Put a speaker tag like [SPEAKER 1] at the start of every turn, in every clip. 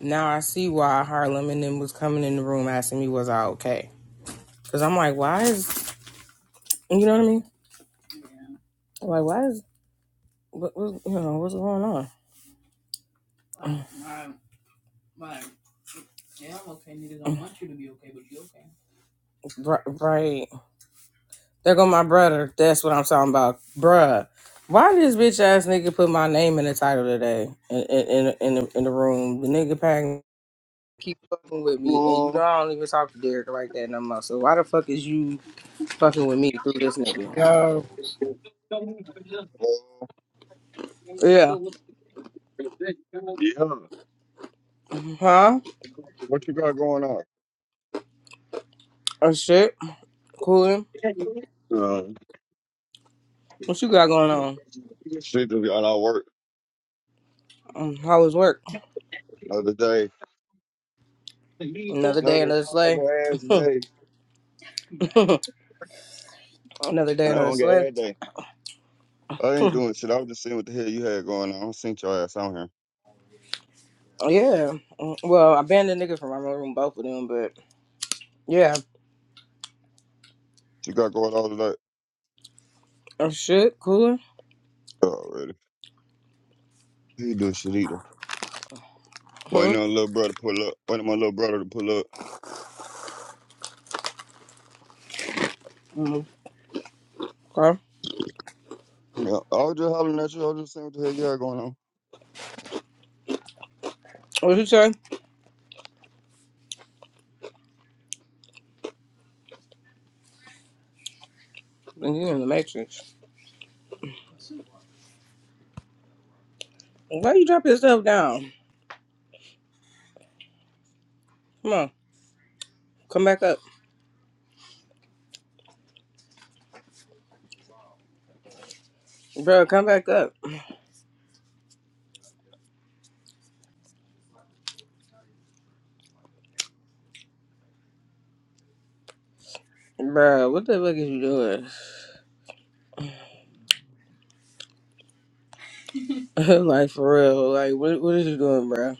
[SPEAKER 1] Now I see why Harlem and them was coming in the room asking me was I okay. Cause I'm like, why is you know what I mean? I'm like, why is what, what you know what's going on? Br- Right, there go my brother. That's what I'm talking about, bruh. Why this bitch ass nigga put my name in the title today in in in, in, the, in the room? The nigga packing keep fucking with me, and you
[SPEAKER 2] Uh, uh,
[SPEAKER 1] know I don't even talk to Derek like that no more. So why the fuck is you fucking with me through this nigga?
[SPEAKER 3] Yo,
[SPEAKER 1] Yeah,
[SPEAKER 2] yeah.
[SPEAKER 1] huh?
[SPEAKER 2] What you got going on?
[SPEAKER 1] Oh shit, coolin'.
[SPEAKER 2] Um,
[SPEAKER 1] What you got going on?
[SPEAKER 2] she just got out of work
[SPEAKER 1] Mm, How was work?
[SPEAKER 2] the other day.
[SPEAKER 1] Another day,
[SPEAKER 2] Another
[SPEAKER 1] another slay.
[SPEAKER 2] long ass day.
[SPEAKER 1] another day, another
[SPEAKER 2] Long
[SPEAKER 1] slay.
[SPEAKER 2] ass day. I ain't doing shit. I was just seeing what the hell you had going on. I seen your ass on here.
[SPEAKER 1] Yeah. Mm, Well, I banned the niggas from my room, both of them, but yeah.
[SPEAKER 2] You got going all tonight?
[SPEAKER 1] Oh shit, cooler.
[SPEAKER 2] Already. He ain't doing shit either.
[SPEAKER 1] Hmm.
[SPEAKER 2] Waiting on a little brother to pull up. Waiting on my little brother to pull up.
[SPEAKER 1] Mm, Okay.
[SPEAKER 2] Yeah, I was just hollering at you. I was just seeing what the hell you had going on.
[SPEAKER 1] What you say? And you in the matrix. Why you drop yourself down? Come on, come back up, bro. Come back up, bro. What the fuck is you doing? like for real? Like what? What is you doing, bro?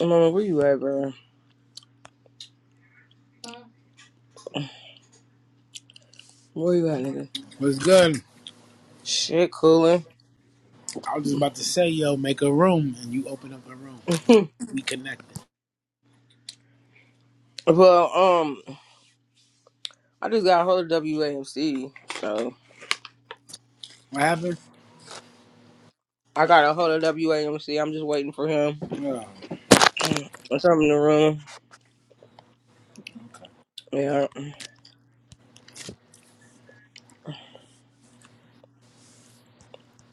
[SPEAKER 1] Mama, where you at, bro? Where you at, nigga?
[SPEAKER 3] what's good?
[SPEAKER 1] Shit, cooler.
[SPEAKER 3] I was just about to say, yo, make a room, and you open up a room. We we connected.
[SPEAKER 1] well, um. I just got a hold of WAMC, so
[SPEAKER 3] What happened?
[SPEAKER 1] I got a hold of WAMC. I'm just waiting for him.
[SPEAKER 3] Yo,
[SPEAKER 1] Mm, I come in the room. Yeah,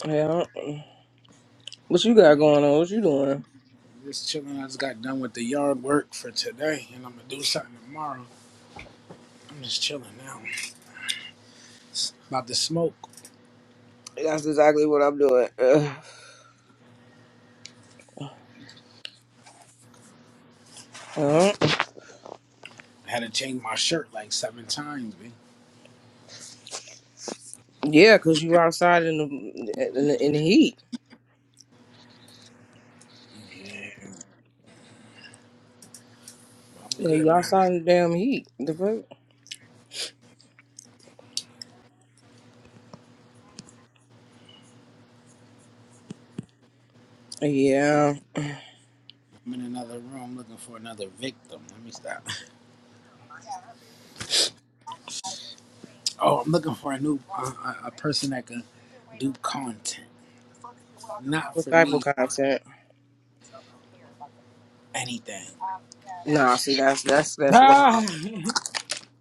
[SPEAKER 1] yeah. What you got going on? What you doing?
[SPEAKER 3] just chilling. I just got done with the yard work for today, and I'm gonna do something tomorrow. I'm just chilling now. About to smoke.
[SPEAKER 1] That's exactly what I'm doing. Ugh. Uh,
[SPEAKER 3] I had to change my shirt like seven times, man.
[SPEAKER 1] yeah, cause you outside in the in the, in the heat.
[SPEAKER 3] Yeah, I'm
[SPEAKER 1] Yeah, you
[SPEAKER 3] good now.
[SPEAKER 1] outside in the damn heat. The fuck? Yeah.
[SPEAKER 3] I'm in another room looking for another victim. Let me stop. Oh, I'm looking for a new a, a a person that can do content, not
[SPEAKER 1] What
[SPEAKER 3] for
[SPEAKER 1] type
[SPEAKER 3] me
[SPEAKER 1] of content?
[SPEAKER 3] anything.
[SPEAKER 1] Nah, see, that's that's that's
[SPEAKER 3] Ah!
[SPEAKER 1] wild.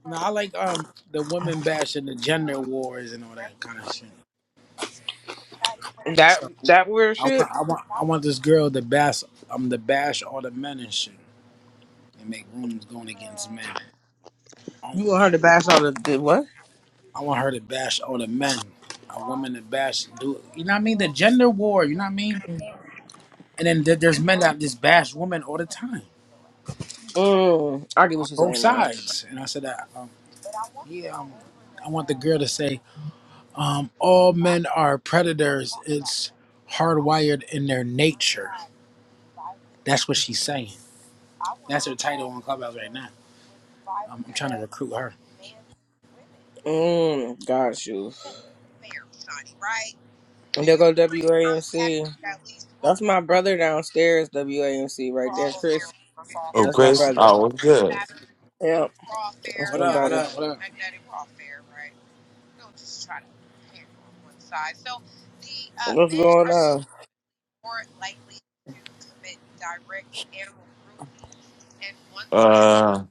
[SPEAKER 3] No, I like um the women bash and the gender wars and all that kind of shit.
[SPEAKER 1] That
[SPEAKER 3] So
[SPEAKER 1] that weird
[SPEAKER 3] I want
[SPEAKER 1] shit.
[SPEAKER 3] I want I want this girl to bash um to bash all the men and shit and make rooms going against men
[SPEAKER 1] You want her
[SPEAKER 3] only.
[SPEAKER 1] to bash all the, the what?
[SPEAKER 3] I want her to bash all the men. A woman to bash do you know what I mean? The gender war, you know what I mean? And then there, there's men that just bash women all the time
[SPEAKER 1] Mm, I get
[SPEAKER 3] on
[SPEAKER 1] what you're
[SPEAKER 3] both
[SPEAKER 1] saying now.
[SPEAKER 3] sides. And I said that um, yeah, um, I want the girl to say um all men are predators. It's hardwired in their nature. That's what she's saying. That's her title on Clubhouse right now. I'm, I'm trying to recruit her.
[SPEAKER 1] Mm, got you. There go WAMC. That's my brother downstairs, WAMC, right there, Chris.
[SPEAKER 4] Oh,
[SPEAKER 1] That's my
[SPEAKER 4] Chris,
[SPEAKER 1] brother.
[SPEAKER 4] Oh, what's good.
[SPEAKER 1] Yep, that's
[SPEAKER 3] What
[SPEAKER 1] my
[SPEAKER 3] up? What
[SPEAKER 1] brother.
[SPEAKER 3] up? What up?
[SPEAKER 1] What's going on?
[SPEAKER 4] Uh,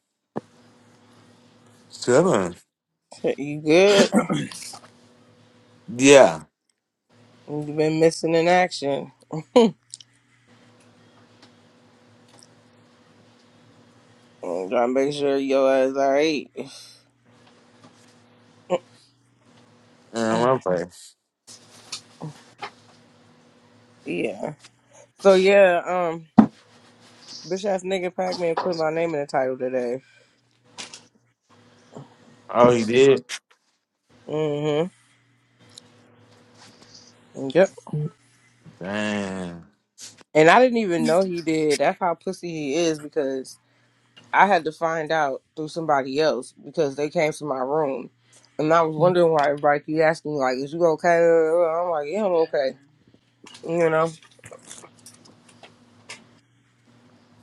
[SPEAKER 4] chilling.
[SPEAKER 1] Shit, You good?
[SPEAKER 4] Yeah,
[SPEAKER 1] You've been missing in action. Mm, Gotta make sure your ass alright.
[SPEAKER 4] and one place.
[SPEAKER 1] yeah. So yeah, um, bitch ass nigga Pac-Man put my name in the title today.
[SPEAKER 4] Oh, he did.
[SPEAKER 1] Mm-hmm. Yep.
[SPEAKER 4] Damn.
[SPEAKER 1] And I didn't even know he did. That's how pussy he is because I had to find out through somebody else because they came to my room, and I was wondering why everybody keep asking me like, "Is you okay?" I'm like, "Yeah, I'm okay." You know,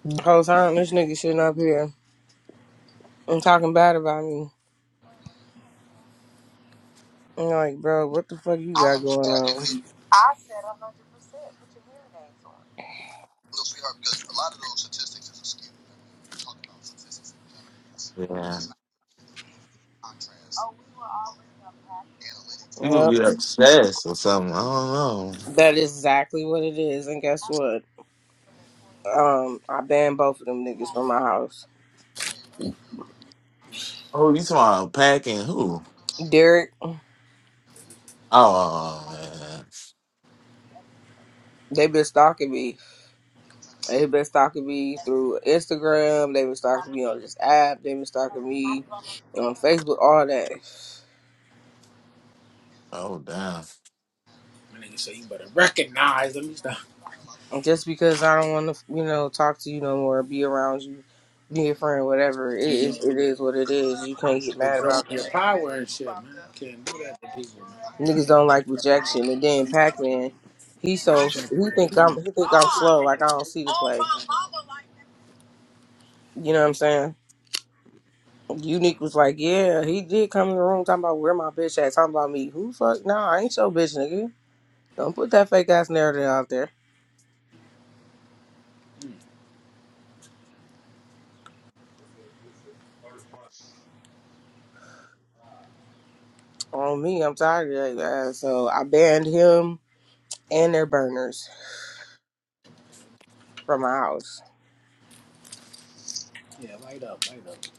[SPEAKER 1] the whole time this nigga sitting up here and talking bad about me. I'm like, bro, what the fuck you got going on?
[SPEAKER 4] Yeah, he would
[SPEAKER 1] Yeah,
[SPEAKER 4] be obsessed or something. I don't know.
[SPEAKER 1] that is exactly what it is. And guess what? Um, I banned both of them niggas from my house.
[SPEAKER 4] Oh, you talking about packing who?
[SPEAKER 1] Derek,
[SPEAKER 4] Oh oh, oh, man.
[SPEAKER 1] they been stalking me They've been stalking me through Instagram. They've been stalking me on this app. They've been stalking me on Facebook. All that,
[SPEAKER 4] Oh damn.
[SPEAKER 3] My nigga say you better recognize. them. me stop.
[SPEAKER 1] just because I don't want to, you know, talk to you no more, be around you, be a friend, whatever. It
[SPEAKER 3] You know,
[SPEAKER 1] is, it is what it is. You can't get mad
[SPEAKER 3] withdrawing
[SPEAKER 1] about
[SPEAKER 3] your
[SPEAKER 1] that.
[SPEAKER 3] power and shit, man. Can't do that to people,
[SPEAKER 1] Niggas
[SPEAKER 3] man.
[SPEAKER 1] don't like rejection. And then Pac Man, he
[SPEAKER 3] They
[SPEAKER 1] so
[SPEAKER 3] attracted
[SPEAKER 1] he
[SPEAKER 3] to that.
[SPEAKER 1] think I'm
[SPEAKER 3] energy.
[SPEAKER 1] he think I'm slow. Like I don't see the play. You know what I'm saying? Unique was like, yeah, he did come in the room talking about where my bitch at, talking about me. Who the fuck? Nah, I ain't your bitch, nigga. Don't put that fake ass narrative out there on me. I'm tired of that. ass. So I banned him and their burners from my house.
[SPEAKER 3] Yeah, light up, light up.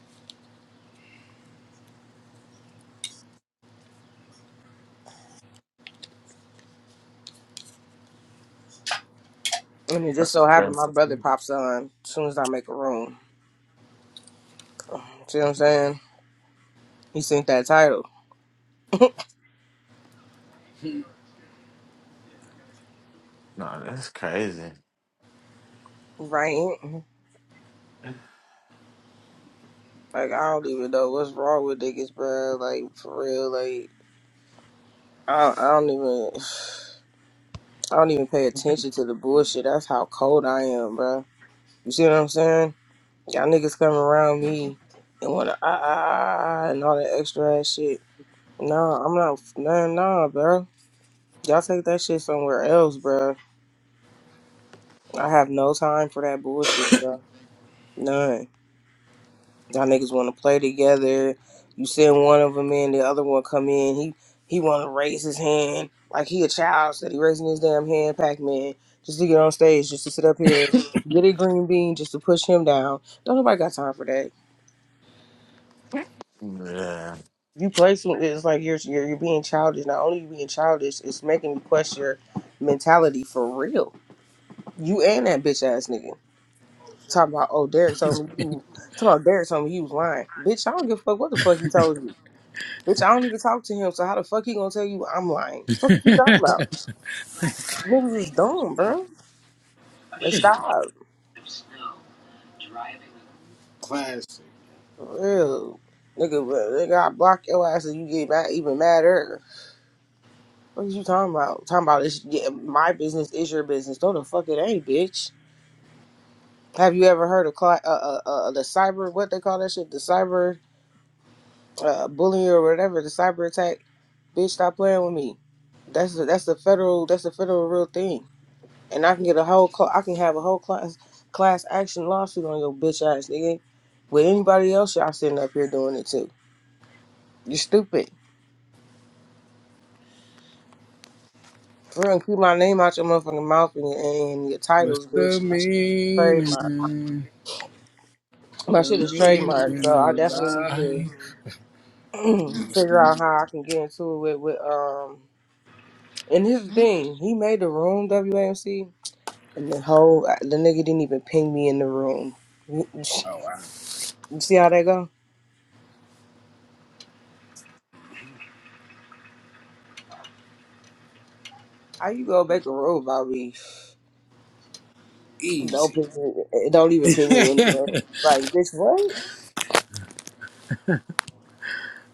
[SPEAKER 1] And it just
[SPEAKER 4] That's
[SPEAKER 1] so happened my brother
[SPEAKER 4] crazy.
[SPEAKER 1] pops on as soon as I make a room. See what I'm saying? He sent that title.
[SPEAKER 4] No, that's crazy.
[SPEAKER 1] Right? Like I don't even know what's wrong with niggas, bro. Like for real, like I, I don't even I don't even pay attention to the bullshit. That's how cold I am, bro. You see what I'm saying? Y'all niggas come around me and wanna ah ah ah ah, ah, and all that extra ass shit. Nah, I'm not nah nah, bro. Y'all take that shit somewhere else, bro. I have no time for that bullshit, bro. None. Y'all niggas wanna play together. You send one of them in, the other one come in. He he wanna raise his hand like he a child. Said he raising his damn hand, Pac Man, just to get on stage, just to sit up here, get a green bean, just to push him down. Don't nobody got time for that.
[SPEAKER 4] Yeah.
[SPEAKER 1] you play some it's like you're you're, you're being childish not only you being childish it's making me question your mentality for real you and that bitch ass nigga talking about oh derek told me you talking about derek told me you was lying bitch i don't give a fuck what the fuck he told you bitch i don't even talk to him so how the fuck he gonna tell you i'm lying fuck you talking about niggas is dumb bro like stop
[SPEAKER 3] Classic.
[SPEAKER 1] for real nigga well, nigga i block your ass and you get mad even madder what is you talking about? Talking about it's yeah, my business is your business. No, the fuck it ain't, bitch. Have you ever heard of cli- uh, uh, uh, uh, the cyber, what they call that shit? The cyber uh, bullying or whatever, the cyber attack? Bitch, stop playing with me. That's a, that's the federal that's the federal real thing, and I can get a whole cl- I can have a whole class class action lawsuit on your bitch ass nigga. With anybody else, y'all sitting up here doing it too. You stupid. For real, keep my name out your motherfucking mouth and, and your
[SPEAKER 3] What's
[SPEAKER 1] titles,
[SPEAKER 3] the
[SPEAKER 1] bitch. My shit is trademarked,
[SPEAKER 3] meaning?
[SPEAKER 1] My
[SPEAKER 3] The
[SPEAKER 1] shit is
[SPEAKER 3] meaning
[SPEAKER 1] trademark, so I
[SPEAKER 3] of
[SPEAKER 1] definitely need to.
[SPEAKER 3] life. What's the
[SPEAKER 1] figure out
[SPEAKER 3] meaning?
[SPEAKER 1] how I can get into it with, um. And here's the thing: he made the room WAMC, and the whole uh, the nigga didn't even ping me in the room. You you
[SPEAKER 3] Oh, wow.
[SPEAKER 1] see how that go? How you gonna make a room about me? Don't
[SPEAKER 3] Easy.
[SPEAKER 1] ping me. eh, Don't even ping me in the room. Like bitch, what?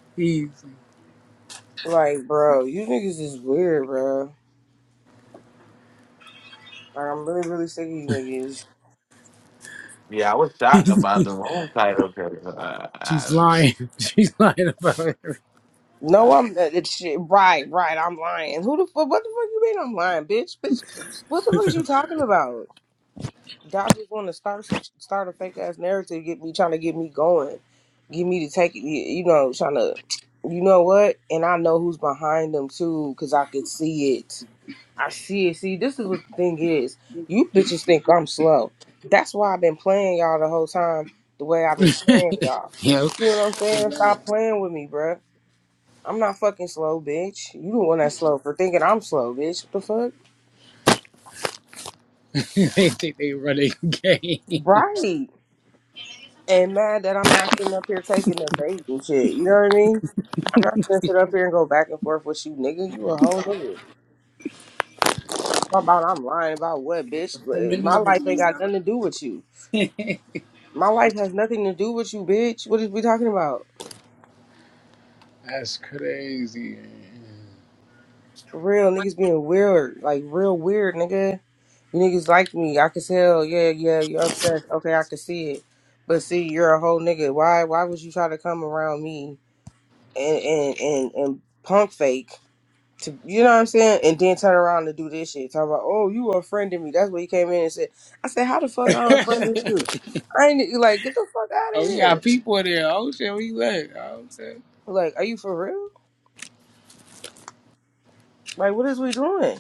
[SPEAKER 3] Easy.
[SPEAKER 1] Like bro, you niggas is weird, bro. Like I'm really, really sick of you niggas.
[SPEAKER 4] Yeah, I was shocked about the room title because I,
[SPEAKER 3] She's lying. She's lying about it.
[SPEAKER 1] No,
[SPEAKER 4] I,
[SPEAKER 1] I'm uh, it's shit. Right, right. I'm lying. Who the fuck? What the fuck you mean? I'm lying, bitch, bitch. What the fuck is you talking about? Y'all just want to start start a fake ass narrative, get me trying to get me going, get me to take it. You know, trying to, you know what? And I know who's behind them too, cause I can see it. I see it. See, this is what the thing is. You bitches think I'm slow. That's why I've been playing y'all the whole time. The way I've been playing y'all.
[SPEAKER 3] Yep.
[SPEAKER 1] You know what I'm
[SPEAKER 3] They
[SPEAKER 1] saying? Stop playing with me, bruh. I'm not fucking slow, bitch. You the one that's slow for thinking I'm slow, bitch. What the fuck?
[SPEAKER 3] they think they running gay.
[SPEAKER 1] Right. and mad that I'm not sitting up here taking the bait and shit. You know what I mean? I'm not gonna sit up here and go back and forth with you, nigga. You a whole nigga. Talk About I'm lying about what, bitch? But My life
[SPEAKER 3] Femininity,
[SPEAKER 1] ain't
[SPEAKER 3] you
[SPEAKER 1] got nothing to do with you. My life has nothing to do with you, bitch. What is we talking about?
[SPEAKER 3] That's crazy.
[SPEAKER 1] For real, niggas being weird, like real weird, nigga. You niggas like me. I can tell. Yeah, yeah. You're upset. Okay, I can see it. But see, you're a whole nigga. Why? Why would you try to come around me and and and, and punk fake? to you know what I'm saying, and then turn around and do this shit. Talk about, oh, you unfriended me. That's what he came in and said. I said, how the fuck I
[SPEAKER 3] oh,
[SPEAKER 1] unfriended you? I ain't e, like get the fuck out of
[SPEAKER 3] we got
[SPEAKER 1] here.
[SPEAKER 3] people in there. Oh shit, we lit. Oh shit.
[SPEAKER 1] Like, are you for real? Like, what is we doing?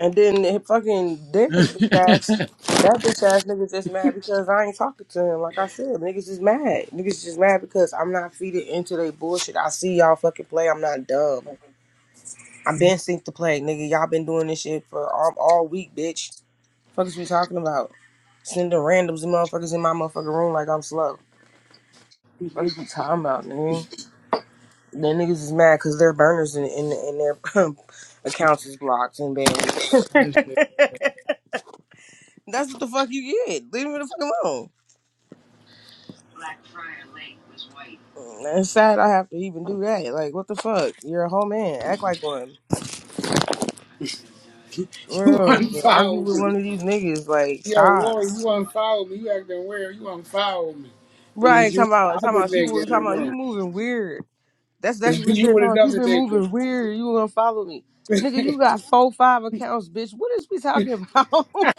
[SPEAKER 1] And then the fucking Derek bitch ass,
[SPEAKER 3] That's
[SPEAKER 1] that bitch ass nigga just mad because I ain't talking to him. Like I said, niggas just mad. Niggas just mad because I'm not feeding into their bullshit. I see y'all fucking play. I'm not dumb. I've been synced to play, nigga. Y'all been doing this shit for all, all week, bitch. Fuck is we talking about? Sending randoms and motherfuckers in my motherfucking room like I'm slow. What are you talking about, nigga? The niggas is mad because their burners and in, in, in their accounts is blocked and banned.
[SPEAKER 3] it.
[SPEAKER 1] That's what the fuck you get. Leave me the fuck alone. And It's sad I have to even do that. Like, what the fuck? You're a whole man. Act like one.
[SPEAKER 3] You
[SPEAKER 1] Bro, bro, argue
[SPEAKER 3] unfollowed
[SPEAKER 1] with one
[SPEAKER 3] me.
[SPEAKER 1] of these niggas. Like,
[SPEAKER 3] Yo,
[SPEAKER 1] stop.
[SPEAKER 3] Warren, you unfollowed me. You acting weird. You unfollowed me. It was
[SPEAKER 1] Right,
[SPEAKER 3] you and
[SPEAKER 1] talking
[SPEAKER 3] the
[SPEAKER 1] about, talking
[SPEAKER 3] other
[SPEAKER 1] about
[SPEAKER 3] nigga
[SPEAKER 1] you,
[SPEAKER 3] in the
[SPEAKER 1] talking about you
[SPEAKER 3] room.
[SPEAKER 1] moving weird. That's exactly what we said.
[SPEAKER 3] you and
[SPEAKER 1] Thomas, you
[SPEAKER 3] another
[SPEAKER 1] been
[SPEAKER 3] nigga.
[SPEAKER 1] moving weird. You gonna follow me. Nigga, you got four, five accounts, bitch. What is we talking about?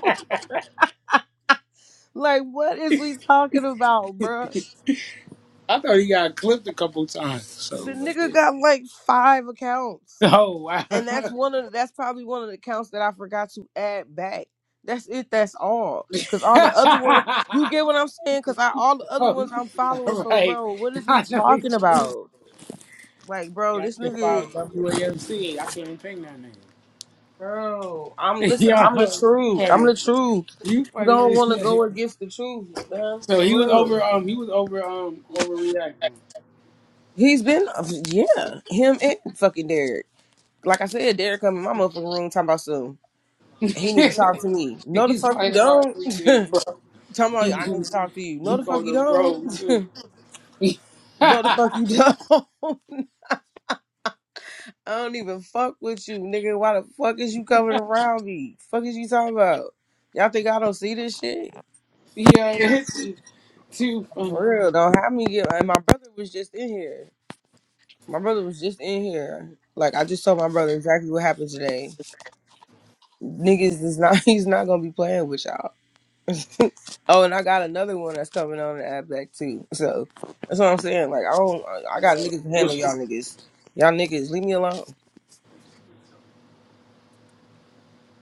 [SPEAKER 1] like, what is we talking about, bruh?
[SPEAKER 3] I thought he got clipped a couple times. So,
[SPEAKER 1] The
[SPEAKER 3] but
[SPEAKER 1] nigga
[SPEAKER 3] yeah.
[SPEAKER 1] got like five accounts.
[SPEAKER 3] oh wow.
[SPEAKER 1] And that's one of the, that's probably one of the accounts that I forgot to add back. That's it, that's all. Cause all the
[SPEAKER 3] oh,
[SPEAKER 1] other ones, you get what I'm saying? Cause I all the other ones I'm following.
[SPEAKER 3] all
[SPEAKER 1] So
[SPEAKER 3] right.
[SPEAKER 1] bro, what is we
[SPEAKER 3] I know
[SPEAKER 1] talking
[SPEAKER 3] it's-
[SPEAKER 1] about? Like, bro,
[SPEAKER 3] I
[SPEAKER 1] this
[SPEAKER 3] just
[SPEAKER 1] nigga
[SPEAKER 3] followed WAMC. I can't even think that name.
[SPEAKER 1] Bro, I'm listen.
[SPEAKER 3] Yo,
[SPEAKER 1] I'm the
[SPEAKER 3] you
[SPEAKER 1] truth. I'm
[SPEAKER 3] funny.
[SPEAKER 1] the truth.
[SPEAKER 3] You
[SPEAKER 1] You
[SPEAKER 3] funny
[SPEAKER 1] don't
[SPEAKER 3] as
[SPEAKER 1] want to go
[SPEAKER 3] shit.
[SPEAKER 1] against the truth, man.
[SPEAKER 3] So he was
[SPEAKER 1] For
[SPEAKER 3] over
[SPEAKER 1] real.
[SPEAKER 3] um he was over um overreacting.
[SPEAKER 1] He's been, yeah, him and fucking Derek. Like I said, Derek come in my motherfucking room talking about some. He need to talk to me. No, the
[SPEAKER 3] He's
[SPEAKER 1] fuck you
[SPEAKER 3] lying about
[SPEAKER 1] don't.
[SPEAKER 3] everything,
[SPEAKER 1] talking
[SPEAKER 3] bro. He
[SPEAKER 1] about I need to
[SPEAKER 3] used
[SPEAKER 1] talk to you. No,
[SPEAKER 3] he
[SPEAKER 1] the fuck
[SPEAKER 3] called
[SPEAKER 1] you
[SPEAKER 3] him
[SPEAKER 1] don't.
[SPEAKER 3] bro too.
[SPEAKER 1] no, the fuck you
[SPEAKER 3] Yo,
[SPEAKER 1] don't. I don't even fuck with you, nigga. Why the fuck is you coming around me? Fuck is you talking about? Y'all think I don't see this shit?
[SPEAKER 3] this is too funny.
[SPEAKER 1] For real though, how me get? And my brother was just in here. My brother was just in here. Like I just told my brother exactly what happened today. Niggas is not. He's not gonna be playing with y'all. Oh, and I got another one that's coming on the app back too. So that's what I'm saying. Like I don't. I I
[SPEAKER 3] No.
[SPEAKER 1] got niggas to handle y'all niggas. Y'all niggas, leave me alone.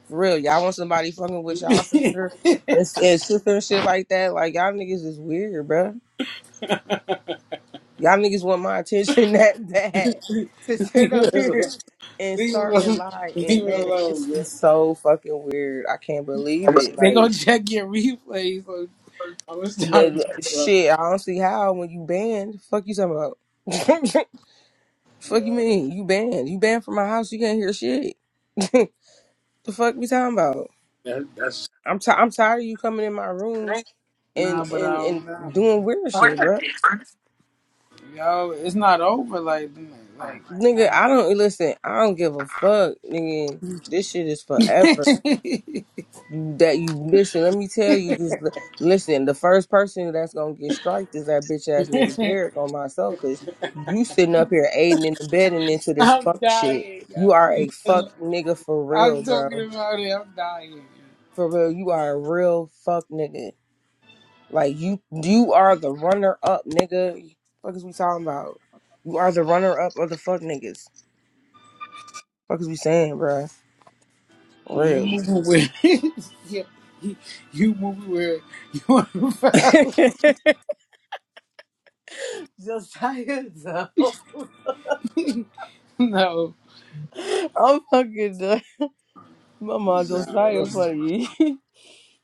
[SPEAKER 1] For real, y'all want somebody fucking with y'all sister and, and sister and shit like that? Like y'all niggas is weird, bruh. Y'all niggas want my attention that bad to
[SPEAKER 3] Leave
[SPEAKER 1] sit up
[SPEAKER 3] it alone.
[SPEAKER 1] here and
[SPEAKER 3] Leave it
[SPEAKER 1] start and
[SPEAKER 3] alone.
[SPEAKER 1] lie.
[SPEAKER 3] Leave
[SPEAKER 1] And
[SPEAKER 3] it
[SPEAKER 1] man, it's,
[SPEAKER 3] alone, bro.
[SPEAKER 1] it's so fucking weird. I can't believe it.
[SPEAKER 3] They gonna
[SPEAKER 1] Like,
[SPEAKER 3] check your replays. So I'm gonna stop,
[SPEAKER 1] the,
[SPEAKER 3] bro.
[SPEAKER 1] shit, I don't see how when you banned, fuck you talking about. fuck you
[SPEAKER 3] Yeah,
[SPEAKER 1] mean? You banned. You banned from my house. You can't hear shit. the fuck we talking about?
[SPEAKER 3] that, that's
[SPEAKER 1] I'm, ti I'm tired of you coming in my room and,
[SPEAKER 3] nah, but
[SPEAKER 1] and, and
[SPEAKER 3] um, nah.
[SPEAKER 1] doing weird shit, bruh.
[SPEAKER 3] yo, it's not over. Like,
[SPEAKER 4] I
[SPEAKER 3] like, I
[SPEAKER 1] Nigga, I don't listen. I don't give a fuck, nigga. This shit is forever.
[SPEAKER 3] mean,
[SPEAKER 1] You that you listen. Let me tell you this. li- Listen, the first person that's gonna get striked is that bitch ass nigga Derek on my soul, cause you sitting up here aiding in the bed and abetting into this
[SPEAKER 3] I'm
[SPEAKER 1] fuck shit.
[SPEAKER 3] dying. Yo.
[SPEAKER 1] You are
[SPEAKER 3] Leave
[SPEAKER 1] a
[SPEAKER 3] it
[SPEAKER 1] fuck
[SPEAKER 3] alone.
[SPEAKER 1] nigga for
[SPEAKER 3] I'm
[SPEAKER 1] real,
[SPEAKER 3] talking
[SPEAKER 1] bro.
[SPEAKER 3] about it. I'm dying.
[SPEAKER 1] For real, you are a real fuck nigga. Like you, you are the runner up, nigga. Fuck is we talking about? You are the runner up of the fuck niggas. Fuck is we saying, bro? For
[SPEAKER 3] You
[SPEAKER 1] Real.
[SPEAKER 3] moving with? yeah, you, you moving with? You want to
[SPEAKER 1] Josiah, though.
[SPEAKER 3] No,
[SPEAKER 1] I'm fucking done. My mom Josiah
[SPEAKER 3] no.
[SPEAKER 1] funny.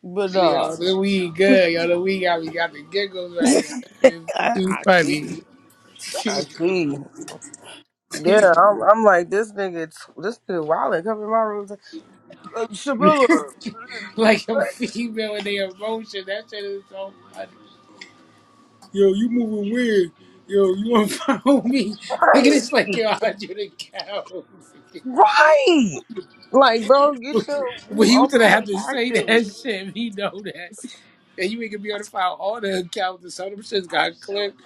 [SPEAKER 1] but no,
[SPEAKER 3] Yo, the weed good. Yo, the weed got me got the giggles right now.
[SPEAKER 1] I, I
[SPEAKER 3] It's
[SPEAKER 1] see.
[SPEAKER 3] too
[SPEAKER 1] I see.
[SPEAKER 3] funny.
[SPEAKER 1] Yeah, I'm, I'm like, this nigga, this nigga wild and covering my room. like, Uh, Shabilla.
[SPEAKER 3] like a female in their emotion. That shit is so funny. Yo, you moving weird. Yo, you wanna follow me? Nigga,
[SPEAKER 1] Right.
[SPEAKER 3] it's like yo, I do the cow.
[SPEAKER 1] Right. Like, bro, get your,
[SPEAKER 3] well,
[SPEAKER 1] you
[SPEAKER 3] you gonna have to say that
[SPEAKER 1] overreacting.
[SPEAKER 3] shit. We know that, and you ain't gonna be able to file all the accounts. And some of them shits got clipped.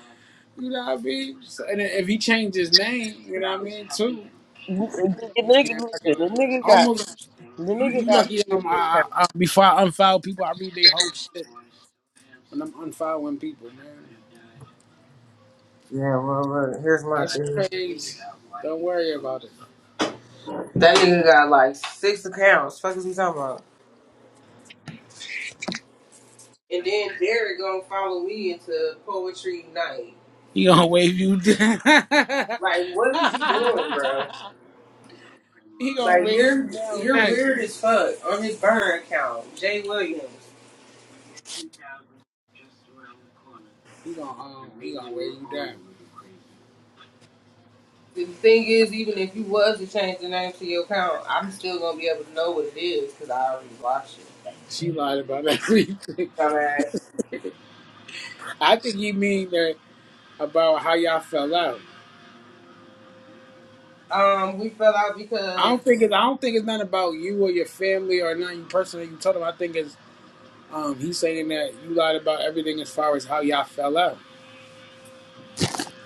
[SPEAKER 3] You know what I mean? So, and if he changed his name, you know what I mean too.
[SPEAKER 1] The, the
[SPEAKER 3] Just came
[SPEAKER 1] nigga,
[SPEAKER 3] back
[SPEAKER 1] listen, the nigga got,
[SPEAKER 3] almost like
[SPEAKER 1] the
[SPEAKER 3] you,
[SPEAKER 1] nigga
[SPEAKER 3] you
[SPEAKER 1] got
[SPEAKER 3] lucky
[SPEAKER 1] two
[SPEAKER 3] um I, I,
[SPEAKER 1] accounts.
[SPEAKER 3] I- before I unfile people I read their whole shit when I'm unfiling people man
[SPEAKER 1] Yeah, well, look, here's my
[SPEAKER 3] that's
[SPEAKER 1] theory.
[SPEAKER 3] crazy don't worry about it
[SPEAKER 1] That nigga got like six accounts. Fuck is he talking about? And then Derek gonna follow me into poetry night.
[SPEAKER 3] he gonna wave you down
[SPEAKER 1] Like, what is you doing, bro?
[SPEAKER 3] he gonna
[SPEAKER 1] Like,
[SPEAKER 3] wave
[SPEAKER 1] you're
[SPEAKER 3] you down
[SPEAKER 1] you're
[SPEAKER 3] next
[SPEAKER 1] weird as fuck on his burn account, Jay Williams.
[SPEAKER 3] he gonna um he gonna wave you down
[SPEAKER 1] The thing is, even if you was to change the name to your account, I'm still gonna be able to know what it is because I already watched it.
[SPEAKER 3] she lied about everything
[SPEAKER 1] Dumbass.
[SPEAKER 3] I think you mean that about how y'all fell out
[SPEAKER 1] Um, we fell out
[SPEAKER 3] I
[SPEAKER 1] because
[SPEAKER 3] don't think it's I don't think it's nothing about you or your family or nothing personal you told him I think it's Um, he's saying that you lied about everything as far as how y'all fell out,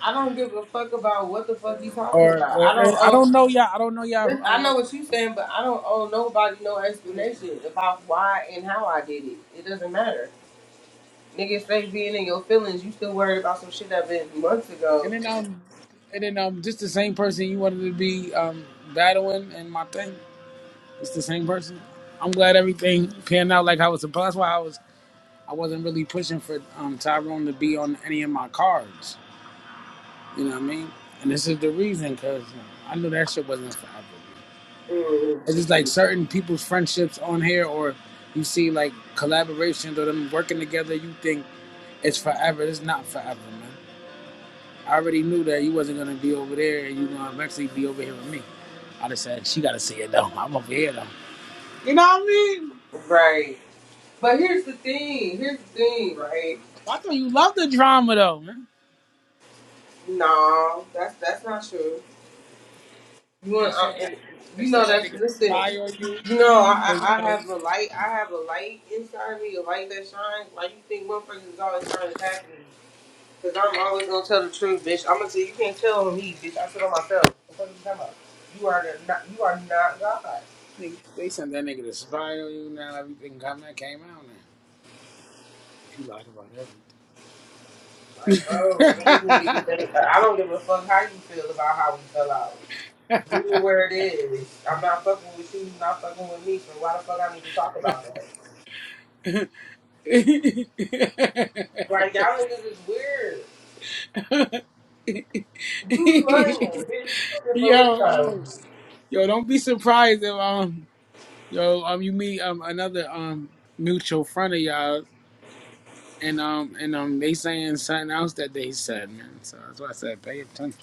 [SPEAKER 1] I don't give a fuck about what the fuck you talking
[SPEAKER 3] or
[SPEAKER 1] about. I
[SPEAKER 3] or
[SPEAKER 1] don't
[SPEAKER 3] I
[SPEAKER 1] owe.
[SPEAKER 3] don't know y'all. I don't know y'all.
[SPEAKER 1] Listen, I
[SPEAKER 3] Um,
[SPEAKER 1] know what you saying, but I don't owe nobody no explanation about why and how I did it. It doesn't matter. Nigga, instead being in your feelings, you still worried about some shit that been months ago
[SPEAKER 3] and then um, and then um, just the same person you wanted to be um battling and my thing. It's the same person. I'm glad everything panned out like I was supposed. That's why I was I wasn't really pushing for um Tyrone to be on any of my cards. You know what I mean? And this is the reason because I knew that shit wasn't forever. It's just like certain people's friendships on here, or you see like collaborations or them working together. You think it's forever. It's not forever, man. I already knew that you wasn't gonna be over there, and you gonna eventually be over here with me. I just said she gotta see it though. I'm over here though. You know what I mean?
[SPEAKER 1] Right. But here's the thing. Here's the thing, right?
[SPEAKER 3] I thought you loved the drama though, man.
[SPEAKER 1] No, that's that's not true. You
[SPEAKER 3] They
[SPEAKER 1] want, uh,
[SPEAKER 3] said that.
[SPEAKER 1] and
[SPEAKER 3] They
[SPEAKER 1] you know
[SPEAKER 3] said that
[SPEAKER 1] that.
[SPEAKER 3] nigga
[SPEAKER 1] listen.
[SPEAKER 3] spy on you.
[SPEAKER 1] You know I,
[SPEAKER 3] 'Cause,
[SPEAKER 1] I I
[SPEAKER 3] uh,
[SPEAKER 1] have a light. I have a light inside me, a light that shines. Like you think motherfuckers is always trying to attack me? Cause I'm always gonna tell the truth, bitch. I'm gonna say you can't tell on me, bitch. I tell on myself. What the fuck you talking about? You are the, not. You are not God.
[SPEAKER 3] they they sent that nigga to spy on you. Now everything coming came out now. He lied
[SPEAKER 1] Like, bro, niggas need to
[SPEAKER 3] about
[SPEAKER 1] get their- I don't give a fuck how you feel about how we fell out. Be it where it is. I'm not fucking with you, you not fucking with me, so why the fuck I need to talk about that?
[SPEAKER 3] everything.
[SPEAKER 1] Like, y'all niggas is weird. You lying, bitch. Looking for what
[SPEAKER 3] yo,
[SPEAKER 1] kind?
[SPEAKER 3] um, yo, don't be surprised if um, yo, um, you meet um another um mutual friend of y'all, and um, and um, they saying something else that they said, man. So that's why I said pay attention.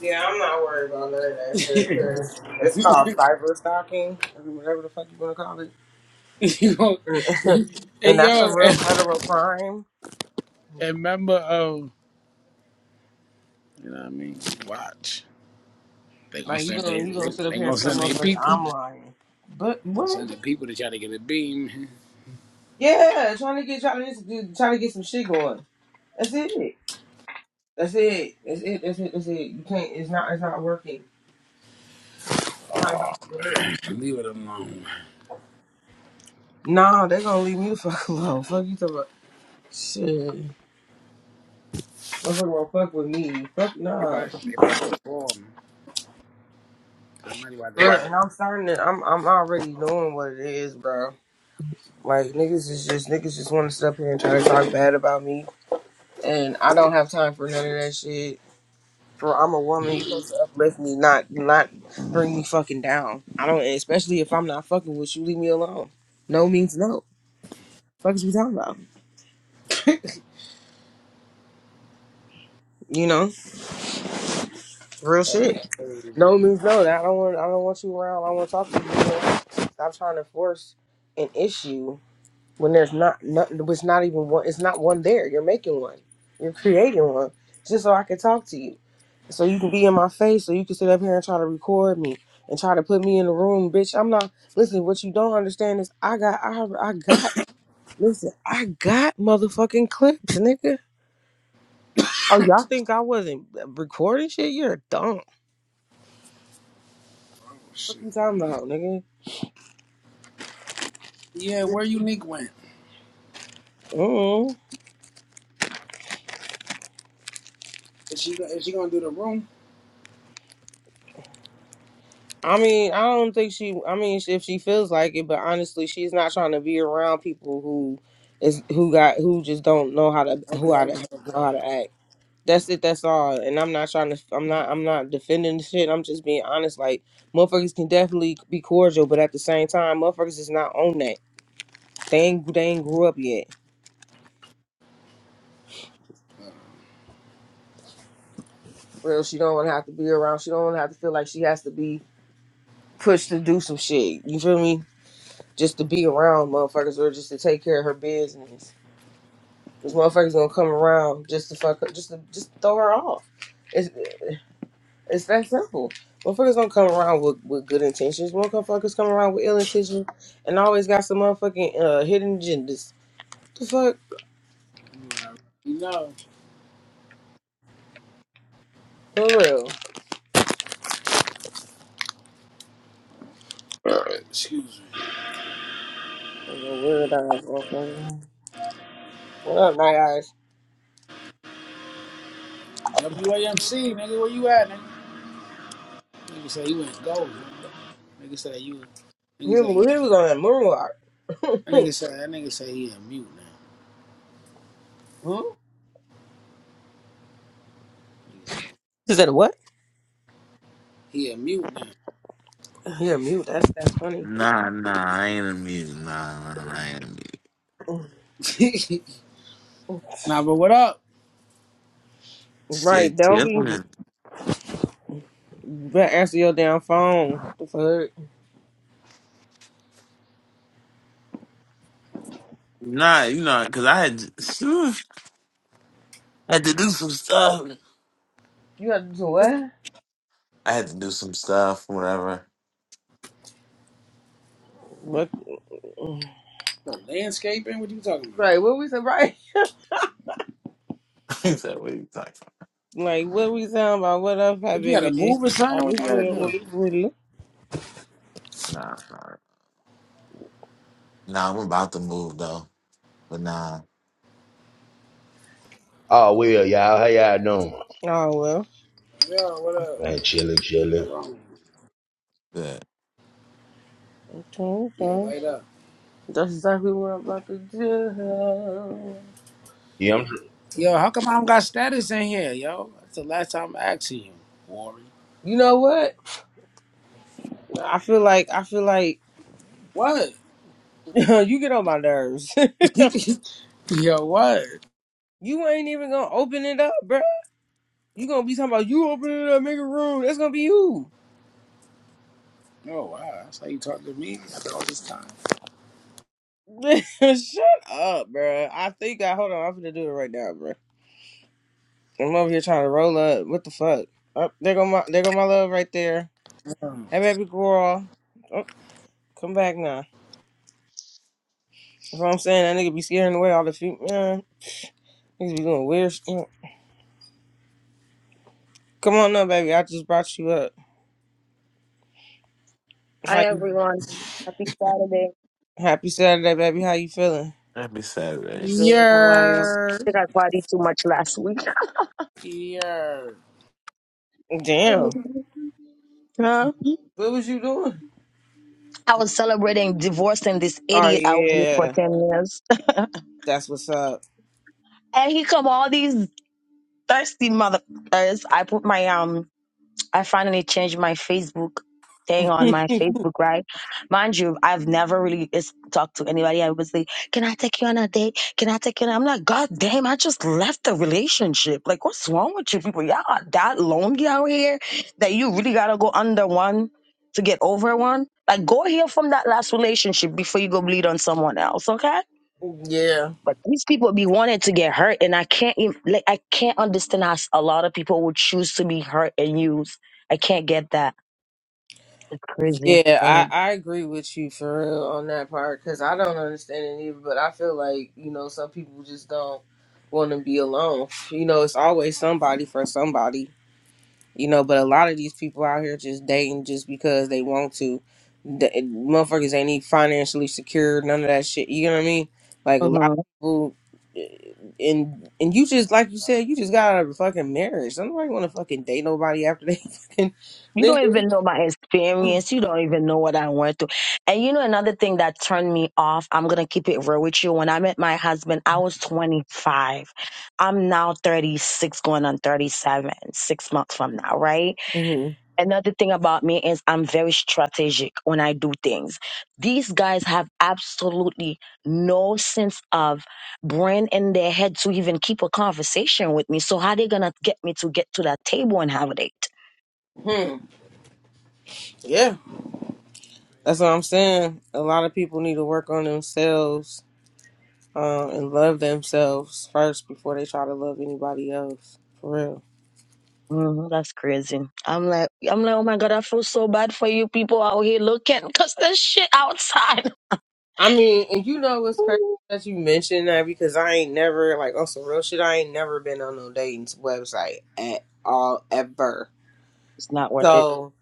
[SPEAKER 1] Yeah, I'm not worried about none of that shit, because it's called cyber stalking, or whatever the fuck you want to call it.
[SPEAKER 3] you know, hey
[SPEAKER 1] and that's a
[SPEAKER 3] yo,
[SPEAKER 1] real
[SPEAKER 3] and,
[SPEAKER 1] federal crime.
[SPEAKER 3] and remember, um, you know what I mean? Watch. They gonna
[SPEAKER 1] Like, you
[SPEAKER 3] send they,
[SPEAKER 1] gonna, you
[SPEAKER 3] they,
[SPEAKER 1] gonna sit up
[SPEAKER 3] they
[SPEAKER 1] here and
[SPEAKER 3] gonna
[SPEAKER 1] tell
[SPEAKER 3] send their
[SPEAKER 1] motherfuckers
[SPEAKER 3] people, man.
[SPEAKER 1] I'm lying. But
[SPEAKER 3] They gonna
[SPEAKER 1] what?
[SPEAKER 3] send the people to try to get a beam.
[SPEAKER 1] Yeah, trying to get, trying to, trying to get some shit going. That's it. That's it. That's it. That's it. That's it. You can't. It's not. It's not working. It's not about to work.
[SPEAKER 3] Man, leave it alone.
[SPEAKER 1] Nah, they gonna leave me the fuck alone. Fuck you talking about shit. Motherfucker won't fuck with me. Fuck
[SPEAKER 3] They
[SPEAKER 1] nah.
[SPEAKER 3] about, they about to fall, man. Somebody about to run
[SPEAKER 1] Bruh, and I'm starting to. I'm. I'm already knowing what it is, bro. Like niggas is just niggas just want to sit up here and try to talk bad about me, and I don't have time for none of that shit. For I'm a woman, you supposed to uplift me, not not bring me fucking down. I don't, especially if I'm not fucking with you. Leave me alone. No means no. Fuck is we talking about? You know, real shit. No means no. I don't want. I don't want you around. I want to talk to you. you know? Stop trying to force an issue when there's not nothing. It's not even one. It's not one there. You're making one. You're creating one just so I can talk to you. So you can be in my face. So you can sit up here and try to record me and try to put me in the room, bitch. I'm not. Listen, what you don't understand is I got. I I got. Listen, I got motherfucking clips, nigga. Oh, y'all think I wasn't recording shit? You're a dumb. What
[SPEAKER 3] Shit.
[SPEAKER 1] you talking about, nigga?
[SPEAKER 3] Yeah, where Unique went?
[SPEAKER 1] mm I mean, I don't think she. I mean, if she feels like it, but honestly, she's not trying to be around people who is who got who just don't know how to who how to know how to act. That's it. That's all. And I'm not trying to. I'm not. I'm not defending the shit. I'm just being honest. Like motherfuckers can definitely be cordial, but at the same time, motherfuckers is not on that. They ain't. They ain't grew up yet. Real. She don't want to have to be around. She don't want to have to feel like she has to be pushed to do some shit. You feel me? Just to be around motherfuckers or just to take care of her business. This motherfucker's gonna come around just to fuck her, just to just throw her off. It's it's that simple. Motherfuckers don't come around with, with good intentions. Motherfuckers come around with ill intentions and always got some motherfucking uh, hidden agendas. The fuck?
[SPEAKER 3] You know.
[SPEAKER 1] For real.
[SPEAKER 3] Excuse me.
[SPEAKER 1] That's a Weird ass motherfucker. What up, night eyes?
[SPEAKER 3] WAMC, nigga, where you at, nigga? Nigga said he went gold. Nigga Nigga said you.
[SPEAKER 1] He,
[SPEAKER 3] Nigga said you.
[SPEAKER 1] was- he was on that moonwalk.
[SPEAKER 3] That nigga said that nigga said he a mute now.
[SPEAKER 1] Hmm?
[SPEAKER 3] Nigga said
[SPEAKER 1] Is that a what?
[SPEAKER 3] he a mute now.
[SPEAKER 1] Yeah, mute. That's that's funny.
[SPEAKER 4] Nah, nah, I ain't a mute. Nah, nah, nah, I ain't a mute.
[SPEAKER 3] nah, but what up?
[SPEAKER 1] Right,
[SPEAKER 4] Shit,
[SPEAKER 1] don't be
[SPEAKER 4] chillin'.
[SPEAKER 1] but answer your damn phone. The fuck?
[SPEAKER 4] Nah, you know, cause I had to, I had to do some stuff.
[SPEAKER 1] You have to do what?
[SPEAKER 4] I had to do some stuff, whatever.
[SPEAKER 1] What?
[SPEAKER 3] What, landscaping? What you talking about?
[SPEAKER 1] Right, what we said, right?
[SPEAKER 4] he said, "What are you talking
[SPEAKER 1] Like, what we talking about? What up, hi,
[SPEAKER 3] Did you had to
[SPEAKER 1] baby?
[SPEAKER 3] move or
[SPEAKER 1] All
[SPEAKER 3] something? What
[SPEAKER 1] this
[SPEAKER 3] you had
[SPEAKER 1] weird,
[SPEAKER 3] to
[SPEAKER 1] all
[SPEAKER 3] do?
[SPEAKER 1] this weird.
[SPEAKER 4] about?" Nah, nah, nah. I'm about to move though, but nah.
[SPEAKER 5] Oh well, y'all. How y'all doing?
[SPEAKER 1] Oh, well.
[SPEAKER 3] Yo, what up?
[SPEAKER 5] Man, chilling, chilling.
[SPEAKER 3] What's wrong?
[SPEAKER 4] Good.
[SPEAKER 1] Okay,
[SPEAKER 3] Yeah,
[SPEAKER 1] okay.
[SPEAKER 3] light up.
[SPEAKER 1] That's exactly what I'm about to do.
[SPEAKER 5] Yeah, I'm
[SPEAKER 3] Yo, how come I don't got status in here, yo? That's the last time I asked you, Warren.
[SPEAKER 1] You know what? I feel like, I feel like
[SPEAKER 3] What?
[SPEAKER 1] you get on my nerves.
[SPEAKER 3] Yo, what?
[SPEAKER 1] you ain't even gonna open it up, bruh. You gonna be talking about you open it up, make a room. That's gonna be you.
[SPEAKER 3] Oh wow, that's how you talk to me after all this time.
[SPEAKER 1] Shut up, bruh. I think I, hold on, I'm gonna do it right now, bruh. I'm over here trying to roll up. What the fuck? Up there go my, there go my love right there.
[SPEAKER 3] Um,
[SPEAKER 1] Hey, baby girl. Oh, Come back now. That's what I'm saying. That nigga be scaring away all the feet. Man, niggas be doing weird shit. Come on up, baby. I just brought you up.
[SPEAKER 6] Hi
[SPEAKER 1] How you?
[SPEAKER 6] everyone. Happy Saturday.
[SPEAKER 1] Happy Saturday, baby. How you feeling?
[SPEAKER 4] Happy
[SPEAKER 6] I'm
[SPEAKER 4] Saturday.
[SPEAKER 6] good. How are you? I
[SPEAKER 3] Yeah,
[SPEAKER 6] think I partied too much last week.
[SPEAKER 3] yeah.
[SPEAKER 1] Damn.
[SPEAKER 6] Huh?
[SPEAKER 1] What was you doing?
[SPEAKER 6] I was celebrating divorcing this
[SPEAKER 1] Oh
[SPEAKER 6] idiot I was with for
[SPEAKER 1] yeah,
[SPEAKER 6] ten years.
[SPEAKER 1] that's what's up.
[SPEAKER 6] And he come all these thirsty motherfuckers. I put my um I finally changed my Facebook thing on
[SPEAKER 1] yeah,
[SPEAKER 6] my Facebook, right? Mind you, I've never really is- talked to anybody. I was like, can I take you on a date? Can I take you on? a-" I'm like, God damn, I just left the relationship. Like, what's wrong with you people? Y'all are that lonely out here that you really gotta go under one to get over one. Like, go heal from that last relationship before you go bleed on someone else, okay? But these people be wanting to get hurt, and I can't even, like I can't understand how a lot of people would choose to be hurt and used. I can't get that. It's crazy.
[SPEAKER 1] yeah. I I agree with you for real on that part because I don't understand it either. But I feel like you know some people just don't want to be alone. You know, it's always somebody for somebody you know. But a lot of these people out here just dating just because they want to. The, motherfuckers ain't even financially secure, none of that shit. You know what I mean? Like a lot of
[SPEAKER 6] hmm
[SPEAKER 1] people, eh, and and you just like you said, you just got out of a fucking marriage. Nobody want to fucking date nobody after they fucking
[SPEAKER 6] You
[SPEAKER 1] nigga.
[SPEAKER 6] don't even know my experience. You don't even know what I went through. And you know another thing that turned me off. I'm gonna keep it real with you. When I met my husband, I was 25. I'm now 36, going on 37, six months from now, right?
[SPEAKER 1] hmm
[SPEAKER 6] Another thing about me is I'm very strategic when I do things. These guys have absolutely no sense of brain in their head to even keep a conversation with me. So how they gonna get me to get to that table and have a date?
[SPEAKER 1] Hmm. Yeah, that's what I'm saying. A lot of people need to work on themselves uh, and love themselves first before they try to love anybody else. For real.
[SPEAKER 6] hmm that's crazy. I'm like, I'm like, oh my god, I feel so bad for you people out here looking because there's shit outside.
[SPEAKER 1] I mean, and you know what's crazy that you mentioned that because I ain't never like on some real shit. I ain't never been on no dating website at all ever.
[SPEAKER 6] it's not worth it.
[SPEAKER 1] So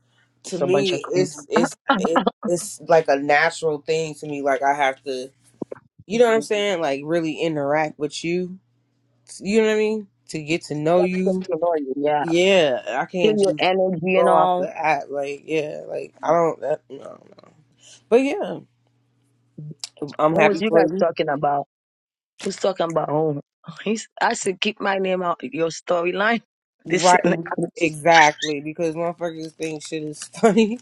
[SPEAKER 1] to
[SPEAKER 6] It's a bunch of
[SPEAKER 1] me,
[SPEAKER 6] creep.
[SPEAKER 1] it's it's it, it's like a natural thing to me. Like I have to, you know what I'm
[SPEAKER 6] Mhm.
[SPEAKER 1] saying? Like really interact with you. You know what I mean? To get to know
[SPEAKER 6] That's
[SPEAKER 1] you.
[SPEAKER 6] just annoying. Yeah,
[SPEAKER 1] Yeah, I
[SPEAKER 6] feel
[SPEAKER 1] can't
[SPEAKER 6] your
[SPEAKER 1] just
[SPEAKER 6] energy and
[SPEAKER 1] go off
[SPEAKER 6] all.
[SPEAKER 1] the app. Like yeah, like I don't. That, no, no. But yeah, I'm
[SPEAKER 6] What was
[SPEAKER 1] happy
[SPEAKER 6] you
[SPEAKER 1] for
[SPEAKER 6] guys
[SPEAKER 1] you.
[SPEAKER 6] talking about? was talking about Oh, He's, I said, keep my name out of your storyline. This
[SPEAKER 1] Right,
[SPEAKER 6] and that.
[SPEAKER 1] exactly, because motherfuckers think shit is funny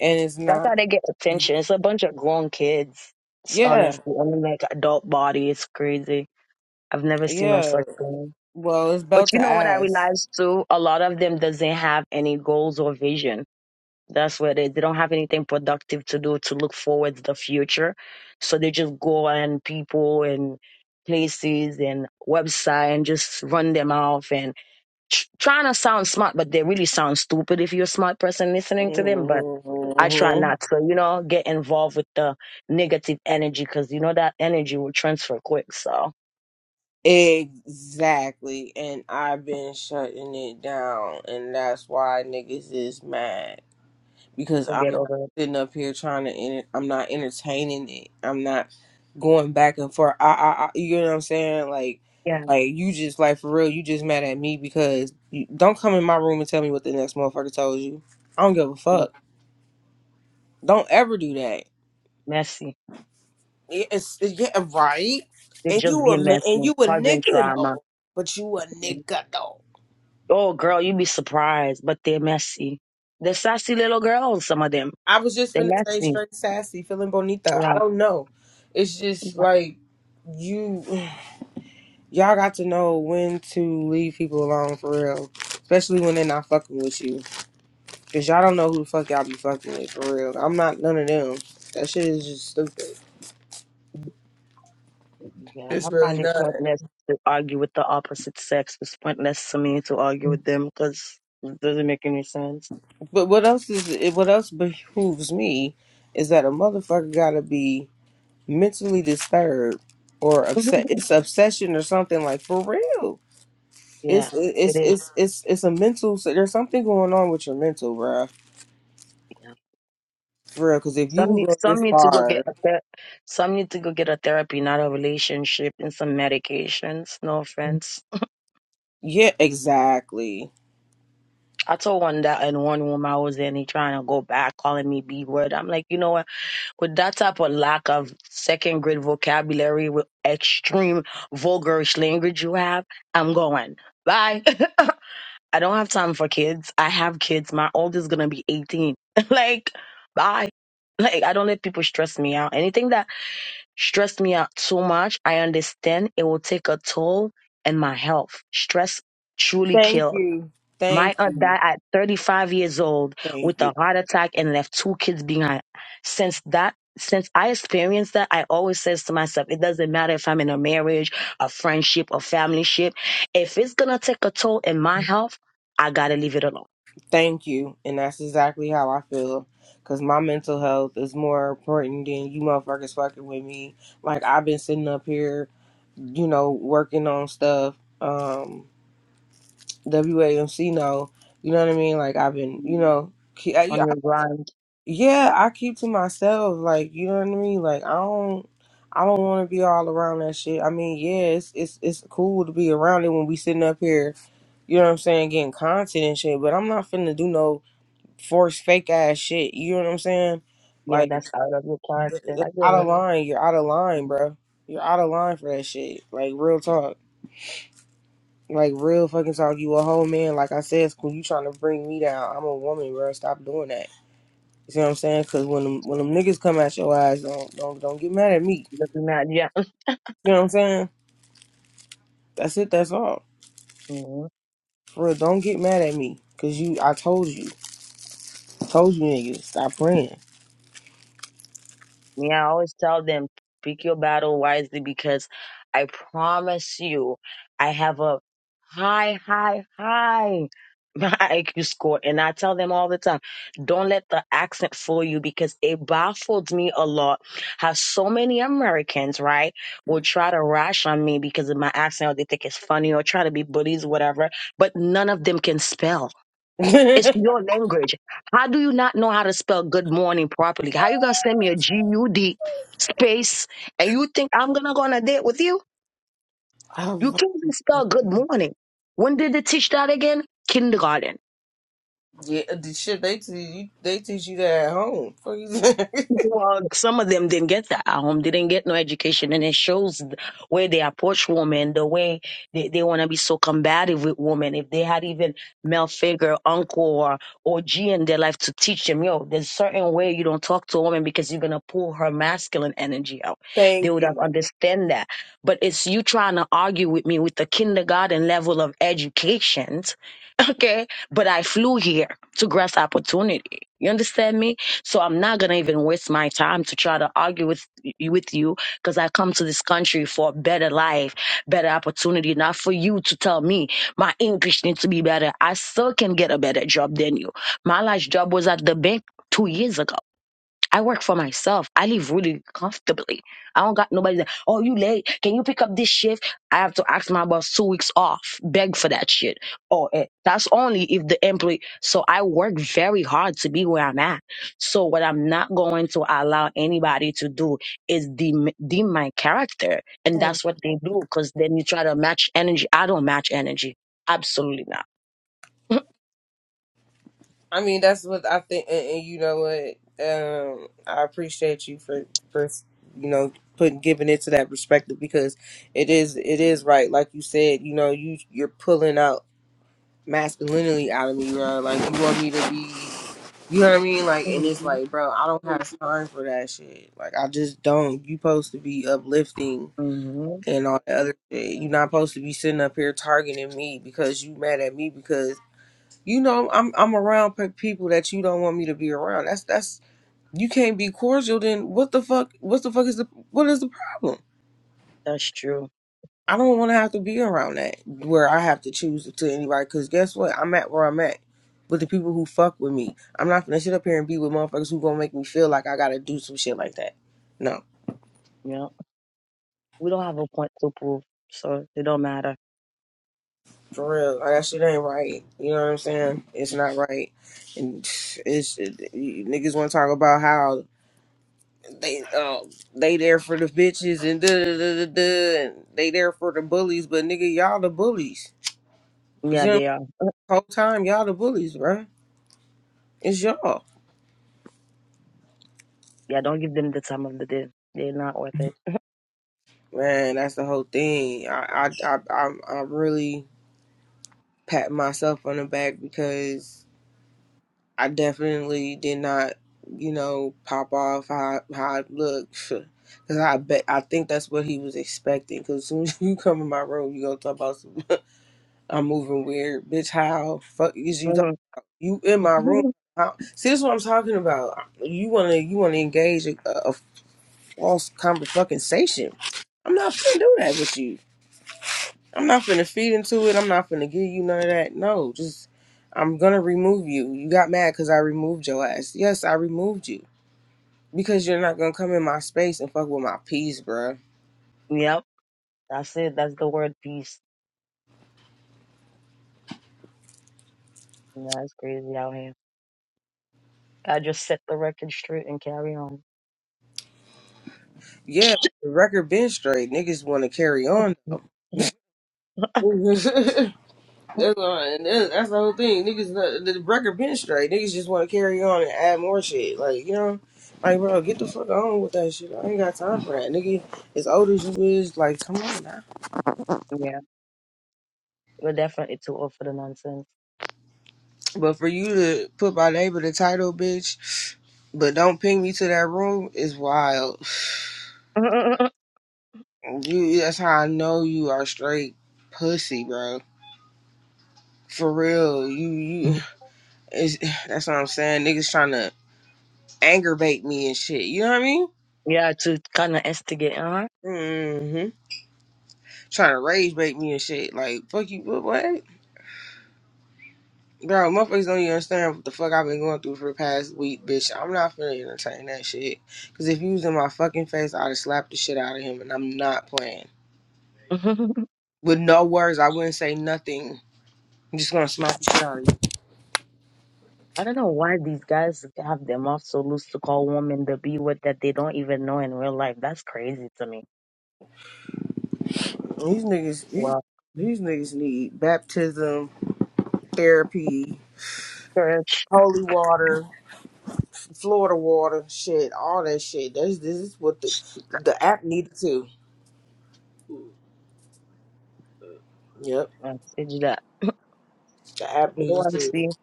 [SPEAKER 1] and it's
[SPEAKER 6] That's
[SPEAKER 1] not.
[SPEAKER 6] how they get attention. It's a bunch of grown kids. It's
[SPEAKER 1] Yeah,
[SPEAKER 6] honestly, I mean, like adult body. It's crazy. I've never seen no
[SPEAKER 1] yeah.
[SPEAKER 6] such thing.
[SPEAKER 1] Well, it's
[SPEAKER 6] But
[SPEAKER 1] belt to
[SPEAKER 6] you know what I
[SPEAKER 1] ass.
[SPEAKER 6] realized too? A lot of them doesn't have any goals or vision. That's where they, they don't have anything productive to do to look forward to the future. So they just go on people and places and website and just run them off and tr- trying to sound smart, but they really sound stupid if you're a smart person listening to them. But I try
[SPEAKER 1] hmm
[SPEAKER 6] not to, you know, get involved with the negative energy because you know that energy will transfer quick. So
[SPEAKER 1] Exactly, and I've been shutting it down, and that's why niggas is mad. because
[SPEAKER 6] you
[SPEAKER 1] I'm
[SPEAKER 6] get
[SPEAKER 1] not
[SPEAKER 6] over it.
[SPEAKER 1] sitting up here trying to. Enter- I'm not entertaining it. I'm not going back and forth. I, I, I, you know what I'm saying? Like,
[SPEAKER 6] Yeah,
[SPEAKER 1] like you just like for real. You just mad at me because you, don't come in my room and tell me what the next motherfucker told you. I don't give a
[SPEAKER 6] it's
[SPEAKER 1] fuck. Don't ever do that.
[SPEAKER 6] messy.
[SPEAKER 1] Yeah, It's, it's yeah, right.
[SPEAKER 6] They
[SPEAKER 1] And
[SPEAKER 6] just
[SPEAKER 1] you
[SPEAKER 6] be
[SPEAKER 1] a ma- and
[SPEAKER 6] messy,
[SPEAKER 1] you a
[SPEAKER 6] causing
[SPEAKER 1] nigga
[SPEAKER 6] trauma.
[SPEAKER 1] though, but you a nigga though.
[SPEAKER 6] Oh, girl, you'd be surprised, but they're messy. They're sassy little girls. Some of them,
[SPEAKER 1] I was just
[SPEAKER 6] they're
[SPEAKER 1] finna say
[SPEAKER 6] messy.
[SPEAKER 1] straight sassy, feeling bonita. I
[SPEAKER 6] Yeah.
[SPEAKER 1] don't know. It's just like you. Y'all got to know when to leave people alone for real, especially when they're not fucking with you, cause y'all don't know who the fuck y'all be fucking with for real. I'm not none of them. That shit is just stupid.
[SPEAKER 6] Yeah,
[SPEAKER 1] It's
[SPEAKER 6] I
[SPEAKER 1] really
[SPEAKER 6] find it
[SPEAKER 1] not.
[SPEAKER 6] pointless to argue with the opposite sex. It's pointless to me to argue with them because it doesn't make any sense.
[SPEAKER 1] But what else is it? What else behooves me is that a motherfucker gotta be mentally disturbed or upset. It's obsession or something like for real.
[SPEAKER 6] yeah,
[SPEAKER 1] It's
[SPEAKER 6] it
[SPEAKER 1] it's
[SPEAKER 6] is.
[SPEAKER 1] it's it's it's a mental. So there's something going on with your mental, bruh.
[SPEAKER 6] Yeah.
[SPEAKER 1] For real, because if
[SPEAKER 6] Some
[SPEAKER 1] you
[SPEAKER 6] need-
[SPEAKER 1] go
[SPEAKER 6] some
[SPEAKER 1] this
[SPEAKER 6] need to go
[SPEAKER 1] far,
[SPEAKER 6] get a ther- some need to go get a therapy, not a relationship, and some medications. No offense.
[SPEAKER 1] Yeah, exactly.
[SPEAKER 6] I told one that in one room I was in, he trying to go back, calling me B word. I'm like, you know what? With that type of lack of second grade vocabulary, with extreme vulgarish language you have, I'm going. Bye. I don't have time for kids. I have kids. My oldest is gonna be 18. like, bye. Like, I don't let people stress me out. Anything that stressed me out too much, I understand it will take a toll in my health. Stress truly
[SPEAKER 1] Thank
[SPEAKER 6] kills.
[SPEAKER 1] you. Thank
[SPEAKER 6] My aunt died at 35 years old
[SPEAKER 1] thank
[SPEAKER 6] with
[SPEAKER 1] you.
[SPEAKER 6] a heart attack and left two kids behind. Since that, since I experienced that, I always says to myself, it doesn't matter if I'm in a marriage, a friendship, a family ship. If it's gonna take a toll in my health, I gotta leave it alone.
[SPEAKER 1] Thank you. And that's exactly how I feel. Cause my mental health is more important than you motherfuckers fucking with me. Like I've been sitting up here, you know, working on stuff. Um WAMC no. You know what I mean? Like I've been, you know, keep, I,
[SPEAKER 6] On
[SPEAKER 1] yeah, I-
[SPEAKER 6] your grind,
[SPEAKER 1] yeah, I keep to myself. Like, you know what I mean? Like I don't I don't want to be all around that shit. I mean, yeah, it's it's it's cool to be around it when we sitting up here you know what I'm saying, getting content and shit, but I'm not finna do no forced fake ass shit. You know what I'm saying?
[SPEAKER 6] yeah,
[SPEAKER 1] Like,
[SPEAKER 6] that's out of your
[SPEAKER 1] th-
[SPEAKER 6] character.
[SPEAKER 1] th-
[SPEAKER 6] I get
[SPEAKER 1] out of line. You're out of line,
[SPEAKER 6] it.
[SPEAKER 1] bro. You're out of line for that shit. Like, real talk. Like, real fucking talk. You a whole man. Like I said, school, you trying to bring me down. I'm a woman, bro. Stop doing that. You see what I'm saying? Because when them, when them niggas come at your eyes, don't, don't, don't get mad at me.
[SPEAKER 6] Doesn't matter. Yeah.
[SPEAKER 1] You know what I'm saying? That's it. That's all. For real, don't get mad at me. Because you, I told you. I told you niggas. Stop playing.
[SPEAKER 6] Me, I always tell them, pick your battle wisely because I promise you, I have a high, high, high IQ score. And I tell them all the time, don't let the accent fool you because it baffles me a lot how so many Americans, right, will try to rash on me because of my accent or they think it's funny or try to be bullies, whatever, but none of them can spell it's your language. How do you not know how to spell good morning properly? How you gonna send me a G U D space and you think I'm gonna go on a date with you?
[SPEAKER 1] I
[SPEAKER 6] You can't even spell good morning. When did they teach that again? Kindergarten.
[SPEAKER 1] Yeah, uh, the shit they teach you, they teach you that at home. Fuck you-
[SPEAKER 6] Well, some of them didn't get that at home. They didn't get no education, and it shows th- where they approach women, the way they, they want to be so combative with women. If they had even male figure, uncle, or or G in their life to teach them, yo, there's certain way you don't talk to a woman because you're gonna pull her masculine energy out. They
[SPEAKER 1] Thank
[SPEAKER 6] would have
[SPEAKER 1] you.
[SPEAKER 6] understand that. But it's you trying to argue with me with the kindergarten level of education, okay? But I flew here to grasp opportunity. You understand me? So I'm not gonna even waste my time to try to argue with y- with you because I come to this country for a better life, better opportunity, not for you to tell me my English needs to be better. I still can get a better job than you. My last job was at the bank two years ago. I work for myself. I live really comfortably. I don't got nobody that, oh, you late. Can you pick up this shift? I have to ask my boss two weeks off, beg for that shit. Oh, eh, that's only if the employee. So I work very hard to be where I'm at. So what I'm not going to allow anybody to do is deem, deem my character. And
[SPEAKER 1] Thank
[SPEAKER 6] that's what they do because then you try to match energy. I don't match energy. Absolutely not.
[SPEAKER 1] I mean, that's what I think, and, and you know what? Um, I appreciate you for for you know putting giving it to that perspective because it is it is right. Like you said, you know you you're pulling out masculinity out of me, bro. Like you want me to be, you know what I mean? Like, and it's
[SPEAKER 6] Mm-hmm.
[SPEAKER 1] like, bro, I don't have time for that shit. Like, I just don't. You supposed to be uplifting
[SPEAKER 6] hmm
[SPEAKER 1] and all the other shit. You're not supposed to be sitting up here targeting me because you mad at me because you know I'm I'm around pe- people that you don't want me to be around. That's that's you can't be cordial. Then what the fuck? What the fuck is the what is the problem?
[SPEAKER 6] That's true.
[SPEAKER 1] I don't want to have to be around that where I have to choose to anybody because guess what? I'm at where I'm at. With the people who fuck with me, I'm not gonna sit up here and be with motherfuckers who gonna make me feel like I gotta do some shit like that. No.
[SPEAKER 6] Yeah. We don't have a point to prove, so it don't matter.
[SPEAKER 1] For real, like that shit ain't right. You know what I'm saying? It's not right, and it's it, niggas want to talk about how they uh, they there for the bitches and da da da da da, and they there for the bullies, but nigga, y'all the bullies. You see,
[SPEAKER 6] Yeah,
[SPEAKER 1] what I'm saying?
[SPEAKER 6] they are.
[SPEAKER 1] The whole time y'all the bullies, bruh. It's y'all,
[SPEAKER 6] Yeah, don't give them the time of the day. They're not worth it.
[SPEAKER 1] man. That's the whole thing. I I I I, I really pat myself on the back because. I definitely did not, you know, pop off how how I look, Cause I bet I think that's what he was expecting. Cause as soon as you come in my room, you gonna talk about some, I'm moving weird, bitch. How fuck is you? Talk,
[SPEAKER 6] Mm-hmm.
[SPEAKER 1] you in my room? How, see, this is what I'm talking about. You wanna you wanna engage a, a false conversation? I'm not finna do that with you. I'm not finna feed into it. I'm not finna give you none of that. No, just I'm gonna remove you. You got mad because I removed your ass. Yes, I removed you Because you're not gonna come in my space and fuck with my peace, bruh.
[SPEAKER 6] That's it. That's the word beast. You know, that's crazy out here. I just set the record straight and carry on.
[SPEAKER 1] Yeah, the record been straight. Niggas want to carry on though. that's, all, and that's that's the whole thing. Niggas, the, the record been straight. Niggas just want to carry on and add more shit. Like you know, like bro, get the fuck on with that shit. I ain't got time for that, nigga. As old as you is, like come on now.
[SPEAKER 6] Yeah, we're definitely too old for the nonsense.
[SPEAKER 1] But for you to put my name in the title, bitch, but don't ping me to that room is wild. You, that's how I know you are straight pussy, bro. For real, you you. It's, that's what I'm saying. Niggas trying to anger bait me and shit. You know what I mean?
[SPEAKER 6] yeah, to kind of instigate, huh?
[SPEAKER 1] Mm-hmm. Trying to rage bait me and shit. Like fuck you. What? what? Bro, motherfuckers don't even understand what the fuck I've been going through for the past week, bitch. I'm not finna entertain that shit. Cause if you was in my fucking face, I'd have slapped the shit out of him, and I'm not playing.
[SPEAKER 6] I
[SPEAKER 1] With no words, I wouldn't say nothing. I'm just gonna smack the shit out of
[SPEAKER 6] don't know why these guys have their mouth so loose to call women the B word that they don't even know in real life. That's crazy to me.
[SPEAKER 1] you. These niggas, these,
[SPEAKER 6] Well,
[SPEAKER 1] these niggas need baptism, therapy,
[SPEAKER 6] church,
[SPEAKER 1] holy water. Florida water, shit, all that shit. That's this is what the the app needed to. Yep,
[SPEAKER 6] message that.
[SPEAKER 1] the app
[SPEAKER 6] You know what
[SPEAKER 1] needed
[SPEAKER 6] I'm
[SPEAKER 1] to.
[SPEAKER 6] saying?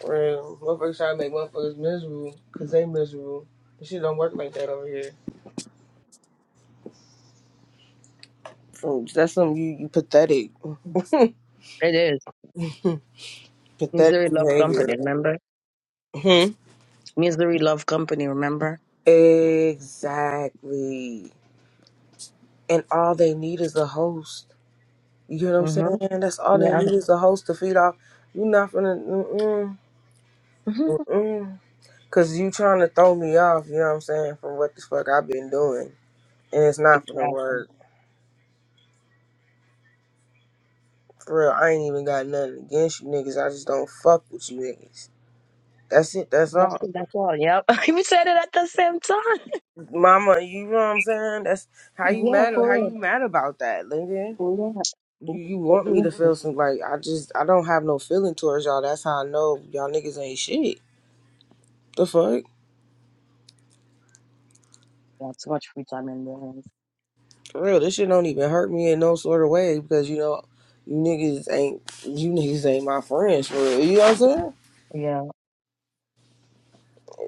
[SPEAKER 1] Real, motherfuckers trying to make motherfuckers miserable because they miserable. This shit don't work like that over here. From that's something you you pathetic,
[SPEAKER 6] It is.
[SPEAKER 1] pathetic
[SPEAKER 6] Misery Love
[SPEAKER 1] behavior.
[SPEAKER 6] Company, remember?
[SPEAKER 1] hmm
[SPEAKER 6] Misery Love Company, remember?
[SPEAKER 1] Exactly. And all they need is a host. You get what I'm
[SPEAKER 6] Mm-hmm.
[SPEAKER 1] saying? That's all they
[SPEAKER 6] Yeah.
[SPEAKER 1] need is a host to feed off. You not finna. Mm-mm, mm-mm. Cause you trying to throw me off, you know what I'm saying, from what the fuck I've been doing. And it's not gonna
[SPEAKER 6] exactly.
[SPEAKER 1] work. For real, I ain't even got nothing against you niggas. I just don't fuck with you niggas. That's it, that's
[SPEAKER 6] And That's,
[SPEAKER 1] all.
[SPEAKER 6] that's all. Yep. we said it at the same time.
[SPEAKER 1] Mama, you know what I'm saying? That's how you
[SPEAKER 6] Yeah,
[SPEAKER 1] mad
[SPEAKER 6] for
[SPEAKER 1] how
[SPEAKER 6] real.
[SPEAKER 1] you mad about that, nigga.
[SPEAKER 6] Oh, Yeah.
[SPEAKER 1] You you want me
[SPEAKER 6] Oh,
[SPEAKER 1] to
[SPEAKER 6] yeah.
[SPEAKER 1] feel some like I just I don't have no feeling towards y'all. That's how I know y'all niggas ain't shit. The fuck?
[SPEAKER 6] Yeah, too much free time in there.
[SPEAKER 1] For real, this shit don't even hurt me in no sort of way because you know you niggas ain't you niggas ain't my friends for real. You know what I'm saying?
[SPEAKER 6] Yeah.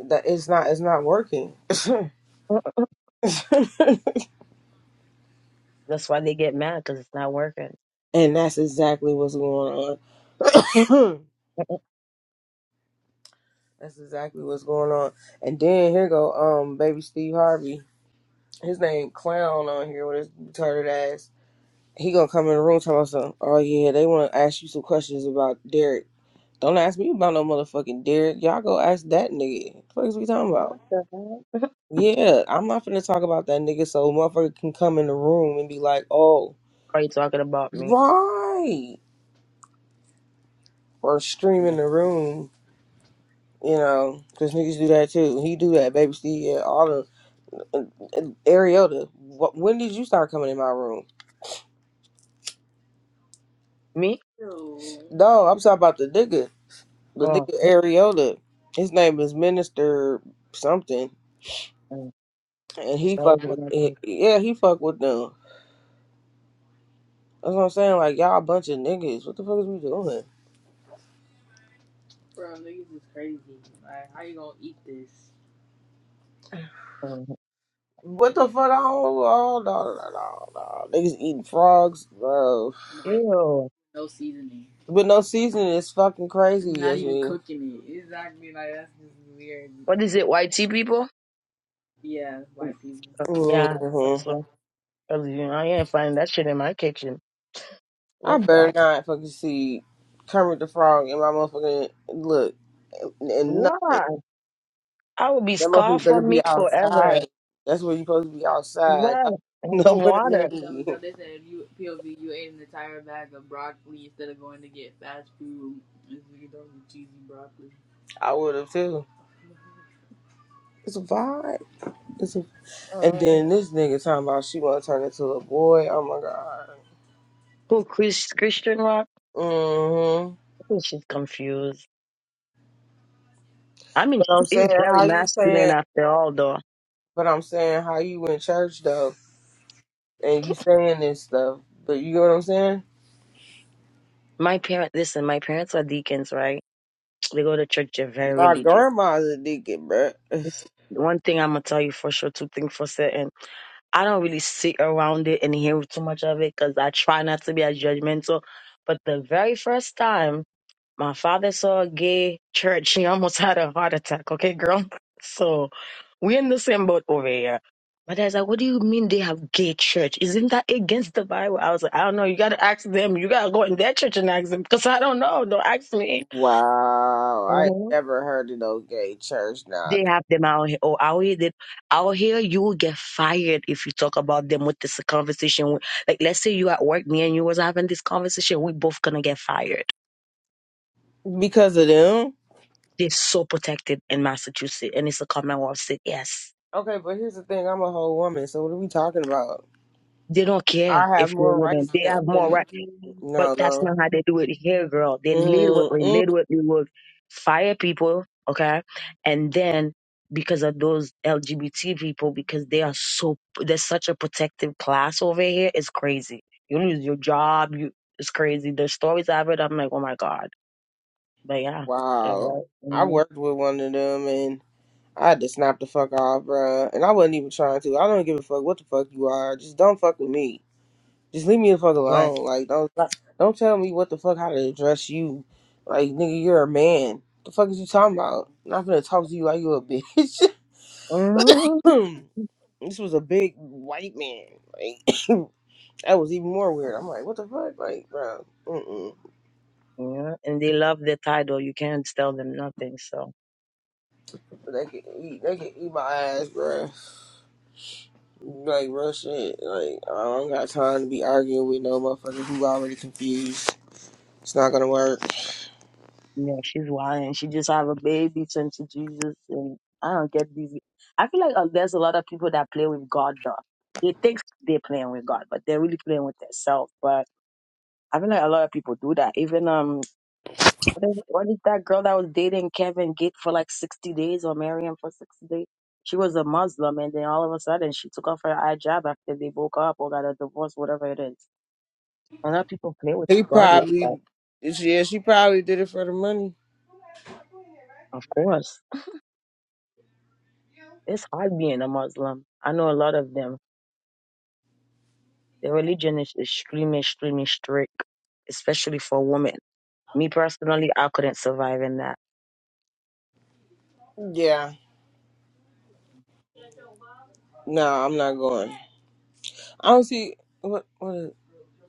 [SPEAKER 1] that it's not it's not working
[SPEAKER 6] Uh-uh. That's why they get mad because it's not working.
[SPEAKER 1] and that's exactly what's going on that's exactly what's going on and then here go um baby steve harvey his name clown on here with his retarded ass he gonna come in the room talking about something oh yeah they want to ask you some questions about derek don't ask me about no motherfucking derek y'all go ask that nigga what the fuck is we talking about
[SPEAKER 6] What the heck?
[SPEAKER 1] yeah i'm not finna talk about that nigga so motherfucker can come in the room and be like oh
[SPEAKER 6] Are you talking about me?
[SPEAKER 1] right or scream in
[SPEAKER 6] Yeah.
[SPEAKER 1] the room, you know, 'cause niggas do that too. He do that, baby Steve, yeah, all the uh, uh, Ariota. What, when did you start coming in my room?
[SPEAKER 6] Me?
[SPEAKER 1] No, no I'm talking about the nigga, the
[SPEAKER 6] Oh,
[SPEAKER 1] nigga Ariota. His name is Minister something,
[SPEAKER 6] mm.
[SPEAKER 1] and
[SPEAKER 6] that's
[SPEAKER 1] he
[SPEAKER 6] always
[SPEAKER 1] fuck
[SPEAKER 6] one
[SPEAKER 1] with,
[SPEAKER 6] of
[SPEAKER 1] he-
[SPEAKER 6] those.
[SPEAKER 1] yeah, he fuck with them. That's what I'm saying. Like y'all a bunch of niggas. What the fuck is we doing?
[SPEAKER 6] Oh,
[SPEAKER 1] What the fuck? I don't, oh, no, no, no, no. Niggas eating frogs, bro.
[SPEAKER 6] Ew.
[SPEAKER 1] With no seasoning, it's fucking crazy. Yes,
[SPEAKER 6] What is it, YT people? Uh, Yeah.
[SPEAKER 1] hmm
[SPEAKER 6] That's what. Cause, you know, I ain't finding that shit in my kitchen.
[SPEAKER 1] I
[SPEAKER 6] Fuck
[SPEAKER 1] better
[SPEAKER 6] that.
[SPEAKER 1] not fucking see Kermit the Frog in my motherfucking look and and nothing.
[SPEAKER 6] Why?
[SPEAKER 1] That
[SPEAKER 6] I will be scarred
[SPEAKER 1] motherfucker better
[SPEAKER 6] from
[SPEAKER 1] be
[SPEAKER 6] meat forever.
[SPEAKER 1] outside. That's where you supposed to be outside, not
[SPEAKER 6] What? And some
[SPEAKER 1] nowhere
[SPEAKER 6] water.
[SPEAKER 1] near me. I would have too. It's a vibe. It's a, and
[SPEAKER 6] Uh,
[SPEAKER 1] then this nigga talking about she want to turn into a boy. Oh my god.
[SPEAKER 6] who, Chris, Christian Rock?
[SPEAKER 1] Mm-hmm.
[SPEAKER 6] I think she's confused. I mean,
[SPEAKER 1] But I'm
[SPEAKER 6] she is
[SPEAKER 1] saying
[SPEAKER 6] very
[SPEAKER 1] how you
[SPEAKER 6] masculine
[SPEAKER 1] saying
[SPEAKER 6] after all, though.
[SPEAKER 1] but I'm saying how you in church though and you saying this stuff. But you know what I'm saying?
[SPEAKER 6] My parents, listen, my parents are deacons, right? They go to church, they're very
[SPEAKER 1] My
[SPEAKER 6] religious.
[SPEAKER 1] grandma's a deacon, bruh.
[SPEAKER 6] It's, one thing I'm going to tell you for sure, two things for certain. I don't really sit around it and hear too much of it because I try not to be as judgmental. But the very first time My father saw a gay church. He almost had a heart attack. Okay, girl. So we're in the same boat over here. My dad's like, what do you mean they have gay church? Isn't that against the Bible? I was like, I don't know. You got to ask them. You got to go in their church and ask them because I don't know. Don't ask me.
[SPEAKER 1] Wow. I ain't
[SPEAKER 6] Mhm.
[SPEAKER 1] never heard of no gay church now.
[SPEAKER 6] They have them out here. Oh, out here, they, out here, you will get fired if you talk about them with this conversation. Like, let's say you at work, me and you was having this conversation. We both going to get fired.
[SPEAKER 1] Because of them?
[SPEAKER 6] They're so protected in Massachusetts, and it's a Commonwealth state. Yes,
[SPEAKER 1] Okay, but here's the thing, I'm a whole woman, so what are we talking about?
[SPEAKER 6] they don't care
[SPEAKER 1] I have
[SPEAKER 6] if you're a
[SPEAKER 1] more rights
[SPEAKER 6] woman; they
[SPEAKER 1] than,
[SPEAKER 6] have more
[SPEAKER 1] than
[SPEAKER 6] right. But
[SPEAKER 1] no,
[SPEAKER 6] that's
[SPEAKER 1] no.
[SPEAKER 6] not how they do it here, girl. They lead with we lead
[SPEAKER 1] Mm-mm.
[SPEAKER 6] with we will fire people, okay, and then because of those LGBT people, because they are so there's such a protective class over here, it's crazy. You lose your job, you it's crazy. The stories I've heard, I'm like, oh my god. But yeah, yeah,
[SPEAKER 1] Wow.
[SPEAKER 6] right.
[SPEAKER 1] I
[SPEAKER 6] hmm
[SPEAKER 1] worked with one of them and. I just snapped the fuck off, bruh. And I wasn't even trying to. I don't give a fuck what the fuck you are. Just don't fuck with me. Just leave me the fuck
[SPEAKER 6] Right.
[SPEAKER 1] alone. Like don't don't tell me what the fuck how to address you. Like nigga, you're a man. The fuck is you talking about? I'm not gonna talk to you like you a bitch.
[SPEAKER 6] hmm
[SPEAKER 1] this was a big white man. Like that was even more weird. I'm like, what the fuck, like, bro? Mm mm.
[SPEAKER 6] Yeah, and they love the title. You can't tell them nothing. So
[SPEAKER 1] They can eat. They can eat my ass, bro. Like real shit. Like I don't got time to be arguing with no motherfucker who already confused. It's not gonna work.
[SPEAKER 6] yeah, she's wild, and she just have a baby sent to Jesus. And I don't get these. I feel like uh, there's a lot of people that play with God though. They think they're playing with God, but they're really playing with themselves. But I feel like a lot of people do that. Even um, what is, what is that girl that was dating Kevin Gate for like sixty days or marrying him for sixty days? She was a Muslim, and then all of a sudden she took off her hijab after they broke up or got a divorce, whatever it is. A lot of people play with
[SPEAKER 1] He
[SPEAKER 6] God like that.
[SPEAKER 1] probably, yeah, she probably did it for the money.
[SPEAKER 6] Of course, it's hard being a Muslim. I know a lot of them. Their religion is extremely, extremely strict, especially for women. Me personally, I couldn't survive in that.
[SPEAKER 1] Yeah. No, I'm not going. I don't see what what is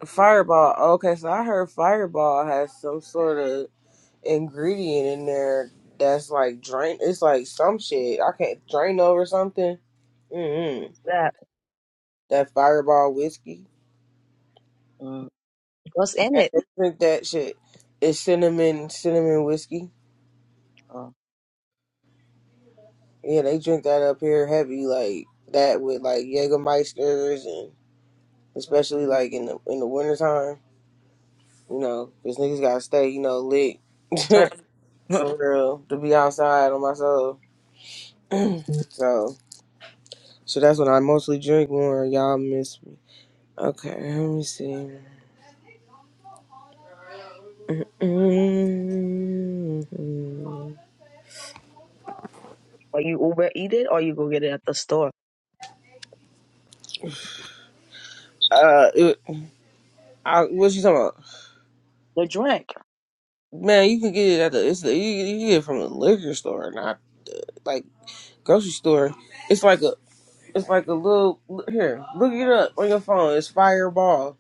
[SPEAKER 1] Fireball. Okay, so I heard Fireball has some sort of ingredient in there that's like drain. It's like some shit. I can't drain over something.
[SPEAKER 6] What
[SPEAKER 1] Mm-mm.
[SPEAKER 6] is that?
[SPEAKER 1] That Fireball whiskey.
[SPEAKER 6] Mm, what's in
[SPEAKER 1] Yeah,
[SPEAKER 6] it?
[SPEAKER 1] they drink that shit. It's cinnamon, cinnamon whiskey.
[SPEAKER 6] Oh,
[SPEAKER 1] Yeah, they drink that up here heavy, like that with like Jägermeisters and especially
[SPEAKER 6] mm,
[SPEAKER 1] like in the in the wintertime, you know, 'cause niggas gotta stay, you know, lit
[SPEAKER 6] sir.
[SPEAKER 1] for real to be outside on my soul. so, so that's what I mostly drink more. Y'all miss me. Okay, let me see. mm
[SPEAKER 6] Or you Uber eat it, or you go get it at the store.
[SPEAKER 1] Uh, it, I, what you talking about?
[SPEAKER 6] The drink.
[SPEAKER 1] Man, you can get it at the it's the, you, you can get it from a liquor store, not like grocery store. It's like a it's like a little here. Look it up on your phone. It's Fireball.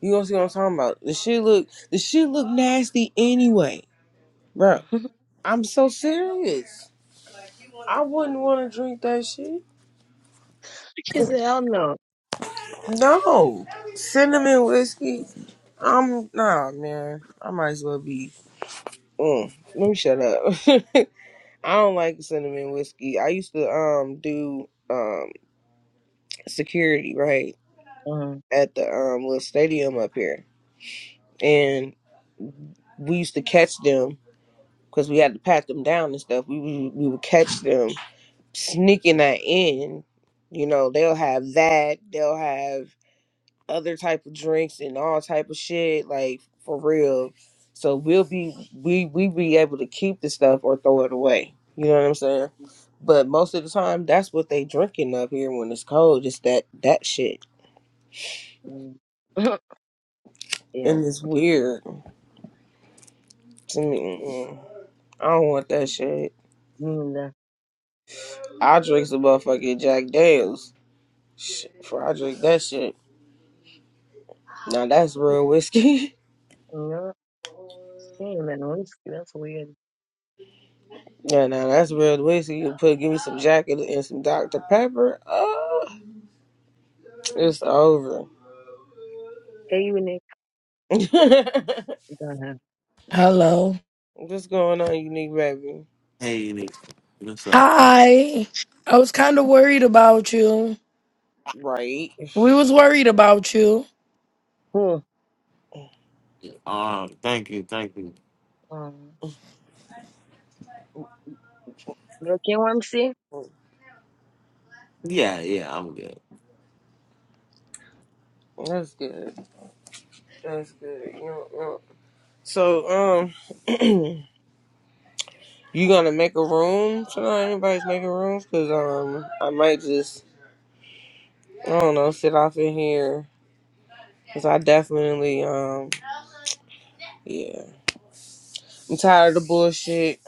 [SPEAKER 1] You gonna see what I'm talking about? The shit look the shit look nasty anyway, bro. I'm so serious. I wouldn't want to drink that shit.
[SPEAKER 6] she said, "Hell no."
[SPEAKER 1] No cinnamon whiskey. I'm nah, man. I might as well be. Mm, let me shut up. I don't like cinnamon whiskey. I used to um do. um. security, right,
[SPEAKER 6] Mm,
[SPEAKER 1] at the um little stadium up here, and we used to catch them because we had to pat them down and stuff. We we, we would catch them sneaking that in. You know, they'll have that. They'll have other type of drinks and all type of shit, like for real. So we'll be we we be able to keep the stuff or throw it away. You know what I'm saying? But most of the time, that's what they drinking up here when it's cold. It's that that shit,
[SPEAKER 6] mm. yeah,
[SPEAKER 1] and it's weird. To me, mm-mm. I don't want that shit.
[SPEAKER 6] mm, that-
[SPEAKER 1] I drink some motherfucking Jack Daniels. Shit, before I drink that shit. Now that's real whiskey.
[SPEAKER 6] no, mm, that- no, that's that's weird.
[SPEAKER 1] yeah, now that's real whiskey. You put give me some Jack and, and some Dr Pepper. Oh, it's over.
[SPEAKER 6] Hey, you Nick. Uh-huh.
[SPEAKER 7] Hello.
[SPEAKER 1] What's going on, unique baby?
[SPEAKER 4] Hey, Nick. What's up?
[SPEAKER 7] Hi. I was kind of worried about you.
[SPEAKER 1] Right.
[SPEAKER 7] We was worried about you.
[SPEAKER 6] Hmm.
[SPEAKER 4] Um, thank you, thank you.
[SPEAKER 6] Um, you okay, Wamsi?
[SPEAKER 4] Yeah, yeah, I'm good.
[SPEAKER 1] That's good. That's good. You know, you know. So, um, you gonna make a room tonight? Anybody's making rooms? Cause um, I might just I don't know, sit off in here. Cause I definitely, um, yeah. I'm tired of the bullshit.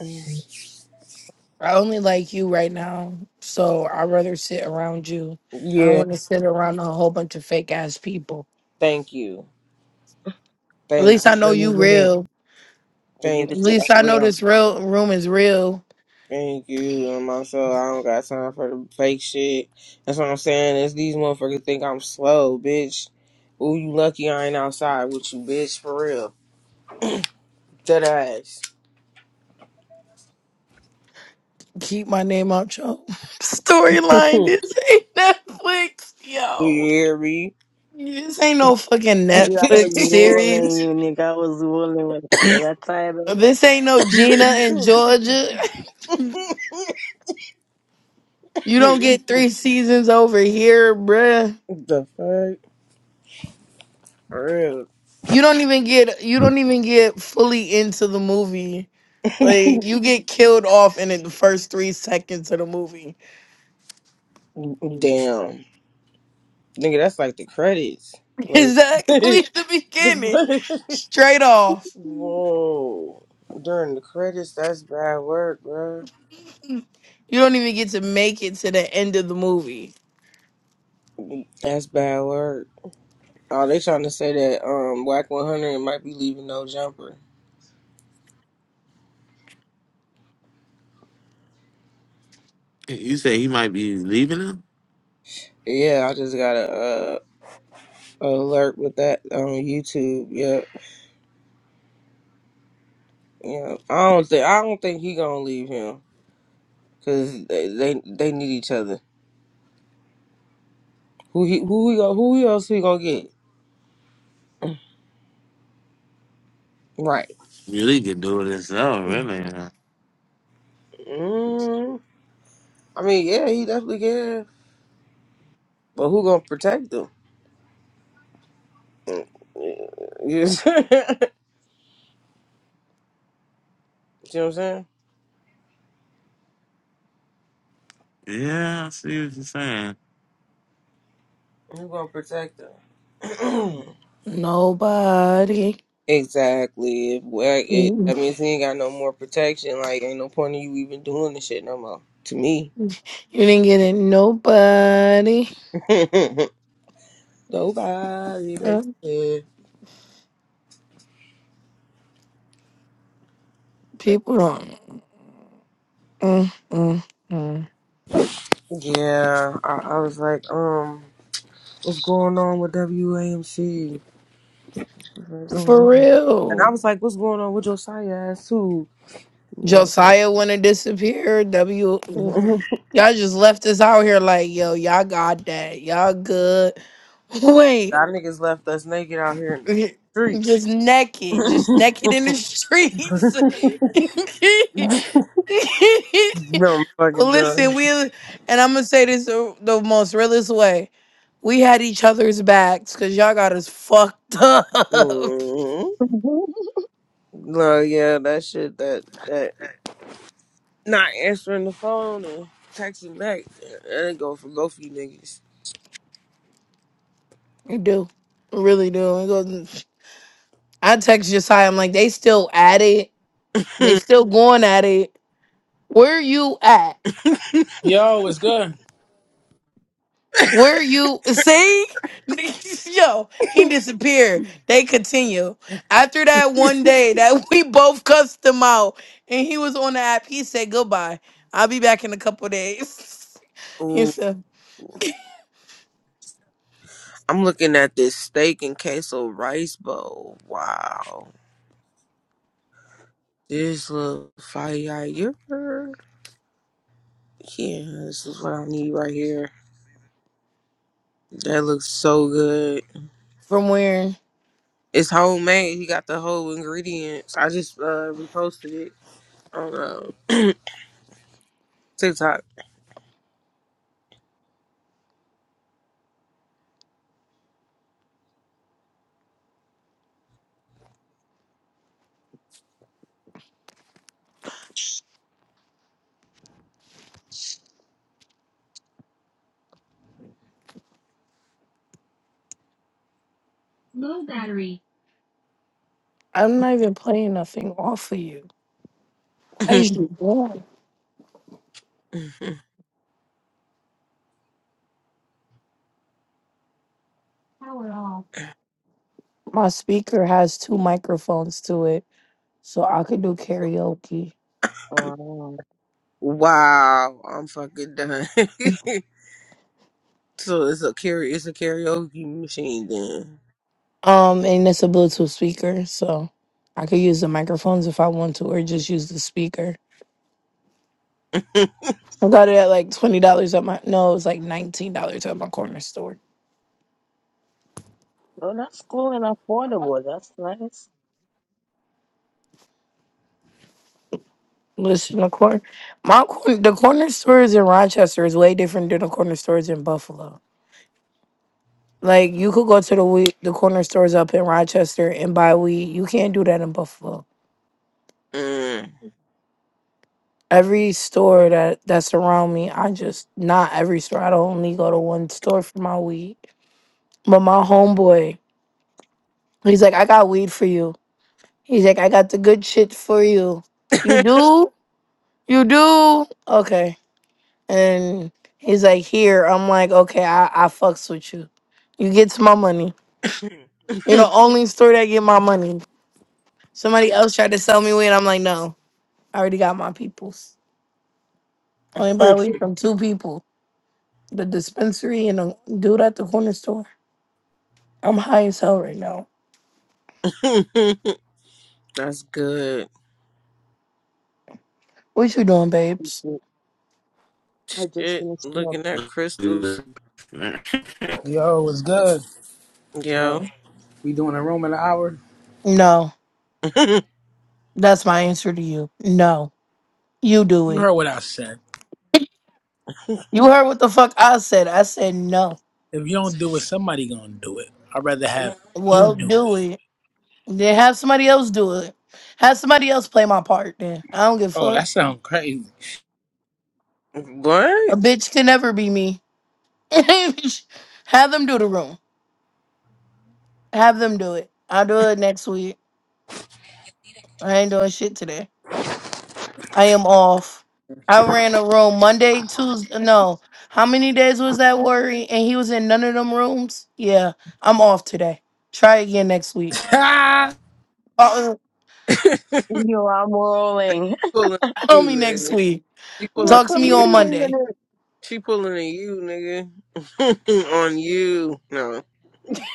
[SPEAKER 7] I only like you right now, so I'd rather sit around you. I don't
[SPEAKER 1] Yeah,
[SPEAKER 7] want to sit around a whole bunch of fake ass people.
[SPEAKER 1] thank you.
[SPEAKER 7] At
[SPEAKER 1] Thank
[SPEAKER 6] I
[SPEAKER 7] least
[SPEAKER 1] you.
[SPEAKER 7] I know
[SPEAKER 6] feel you,
[SPEAKER 7] you
[SPEAKER 6] you
[SPEAKER 7] real.
[SPEAKER 6] You give
[SPEAKER 7] At
[SPEAKER 1] Thank
[SPEAKER 6] it to
[SPEAKER 1] you.
[SPEAKER 6] us
[SPEAKER 7] least I know
[SPEAKER 6] real.
[SPEAKER 7] this real room is real.
[SPEAKER 1] Thank you. Um, also, I don't got time for the fake shit. That's what I'm saying. Is these motherfuckers think I'm slow, bitch. Ooh, you lucky I ain't outside with you, bitch, for real. Dead ass.
[SPEAKER 7] Keep my name out your storyline.
[SPEAKER 1] Do
[SPEAKER 7] This ain't Netflix,
[SPEAKER 1] you
[SPEAKER 7] yo.
[SPEAKER 1] hear me?
[SPEAKER 7] This ain't no fucking
[SPEAKER 6] You, I was
[SPEAKER 7] Netflix
[SPEAKER 6] rolling
[SPEAKER 7] series.
[SPEAKER 6] unique. I was rolling with for that title.
[SPEAKER 7] This ain't no Gina and
[SPEAKER 1] the
[SPEAKER 7] Georgia. You don't get three seasons over here, bruh.
[SPEAKER 1] fuck? For
[SPEAKER 7] You don't even get you don't even get fully into the movie.
[SPEAKER 1] real.
[SPEAKER 7] Like you get killed off in the first three seconds of the movie.
[SPEAKER 1] Damn. Nigga, that's like the credits. Like
[SPEAKER 7] Exactly at the
[SPEAKER 1] the
[SPEAKER 7] beginning. Straight off.
[SPEAKER 1] Whoa. During the credits, that's bad work, bro.
[SPEAKER 7] You don't even get to make it to the end of the movie.
[SPEAKER 1] That's bad work. Oh, they trying to say that um Whack 100 might be leaving no jumper.
[SPEAKER 4] You say he might be leaving him?
[SPEAKER 1] Yeah, I just got a, uh alert with that on YouTube. Yeah, yeah. I don't think I don't think he gonna leave him because they, they they need each other. Who he who he go who else he gonna get? Right.
[SPEAKER 4] Really can do it himself, really. huh?
[SPEAKER 1] Mm, I mean, yeah, he definitely can. But who gonna protect them? You see what I'm saying?
[SPEAKER 4] Yeah, I see what you're saying.
[SPEAKER 1] Who gonna protect them?
[SPEAKER 7] Nobody.
[SPEAKER 1] exactly. If well, it,
[SPEAKER 7] Ooh.
[SPEAKER 1] that means he ain't got no more protection. Like, ain't no point in you even doing this shit no more. To me,
[SPEAKER 7] You didn't get it. Nobody.
[SPEAKER 1] nobody. They
[SPEAKER 7] Uh,
[SPEAKER 1] said- they-
[SPEAKER 7] people don't. Mm, mm, mm.
[SPEAKER 1] Yeah, I, I was like, um, what's going on with WAMC? What's going
[SPEAKER 7] For
[SPEAKER 1] on? And
[SPEAKER 7] real.
[SPEAKER 1] I was like, what's going on with your side ass too? You
[SPEAKER 7] Josiah wanna disappear. W y'all
[SPEAKER 1] know?
[SPEAKER 7] just left us out here like, yo, y'all got that. Y'all good. Wait.
[SPEAKER 1] Y'all niggas left us naked out here in the streets.
[SPEAKER 7] Just naked. Just
[SPEAKER 1] no
[SPEAKER 7] naked in the streets.
[SPEAKER 1] I'm fucking
[SPEAKER 7] Listen,
[SPEAKER 1] done.
[SPEAKER 7] we and I'm gonna say this the the most realest way. We had each other's backs because y'all got us fucked up.
[SPEAKER 1] mm No, yeah, that shit, that that not answering the phone and texting back. That ain't go for both of you niggas.
[SPEAKER 7] You do, really do. It goes- I text Josiah. I'm like, they still at it. They still going at it. Where you at?
[SPEAKER 3] Yo, what's good?
[SPEAKER 7] Where you see? Yo, he disappeared. They continue. After that one day that we both cussed him out and he was on the app, he said goodbye. I'll be back in a couple days. he
[SPEAKER 1] Ooh,
[SPEAKER 7] said,
[SPEAKER 1] I'm looking at this steak and queso rice bowl. Wow. This look fire. Yeah, this is what I need right here. That looks so good.
[SPEAKER 7] From where?
[SPEAKER 1] It's homemade. He got the whole ingredients. I just uh, reposted it on uh, TikTok.
[SPEAKER 7] I'm not even playing nothing off of you. Why is you going? My speaker has two microphones to it, so I could do karaoke.
[SPEAKER 6] Wow.
[SPEAKER 1] wow, I'm fucking done. so it's a carry. It's a karaoke machine then.
[SPEAKER 7] Um, and it's a Bluetooth speaker, so I could use the microphones if I want to, or just use the speaker. I got it at like twenty dollars at my no, it was like nineteen dollars at my corner store.
[SPEAKER 6] Oh, that's cool and affordable. That's nice.
[SPEAKER 7] Listen, the corner, my corner, the corner stores in Rochester is way different than the corner stores in Buffalo. Like you could go to the weed, the corner stores up in Rochester and buy weed. You can't do that in Buffalo.
[SPEAKER 1] Mm.
[SPEAKER 7] Every store that that's around me, I just not every store. I don't only go to one store for my weed. But my homeboy. He's like, I got weed for you. He's like, I got the good shit for you. You do? You do? Okay. And he's like, here. I'm like, okay, I, I fucks with you. You gets my money. You know, only store that get my money. Somebody else tried to sell me weed. I'm like, no, I already got my people's. Only buy weed from two people. The dispensary and the dude at the corner store. I'm high as hell right now.
[SPEAKER 1] That's good.
[SPEAKER 7] What you doing, babes?
[SPEAKER 6] I just
[SPEAKER 1] Shit,
[SPEAKER 6] finished up.
[SPEAKER 1] looking at crystals.
[SPEAKER 3] Yo, what's good? Yo,
[SPEAKER 1] Yo,
[SPEAKER 3] we doing a room in an hour.
[SPEAKER 7] No. That's my answer to you. No. You do
[SPEAKER 3] You
[SPEAKER 7] it.
[SPEAKER 3] heard what I said.
[SPEAKER 7] You heard what the fuck I said. I said no.
[SPEAKER 3] If you don't do it, somebody gonna do it. I'd rather have you
[SPEAKER 7] Well,
[SPEAKER 3] do
[SPEAKER 7] do
[SPEAKER 3] it.
[SPEAKER 7] it. Then have somebody else do it. Have somebody else play my part. Then I don't give a
[SPEAKER 3] Oh,
[SPEAKER 7] fuck.
[SPEAKER 3] that sounds crazy.
[SPEAKER 7] A
[SPEAKER 1] what?
[SPEAKER 7] bitch can never be me. have them do the room. Have them do it. I'll do it next week. I ain't doing shit today. I am off. I ran a room Monday, Tuesday. No, how many days was that worry? And he was in none of them rooms. Yeah, I'm off today. Try again next week.
[SPEAKER 3] Ha!
[SPEAKER 7] Uh,
[SPEAKER 1] She
[SPEAKER 6] Yo, I'm rolling.
[SPEAKER 1] pulling
[SPEAKER 7] Call
[SPEAKER 1] you,
[SPEAKER 7] me next
[SPEAKER 1] nigga.
[SPEAKER 7] week.
[SPEAKER 1] She
[SPEAKER 6] You're
[SPEAKER 1] pulling
[SPEAKER 6] a
[SPEAKER 7] Talk to me
[SPEAKER 1] you.
[SPEAKER 7] on
[SPEAKER 6] comedian. you
[SPEAKER 7] Monday.
[SPEAKER 1] She pulling a you, nigga. on you. No.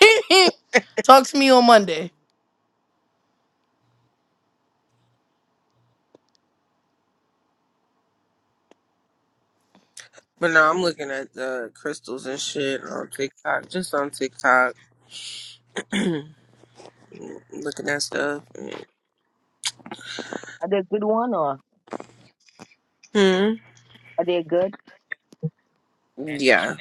[SPEAKER 7] Talk to me on Monday.
[SPEAKER 1] But no, I'm looking at the crystals and shit on TikTok. Just on TikTok. looking at stuff.
[SPEAKER 6] Are they a good one or
[SPEAKER 1] Hmm.
[SPEAKER 6] are they good?
[SPEAKER 1] Yeah.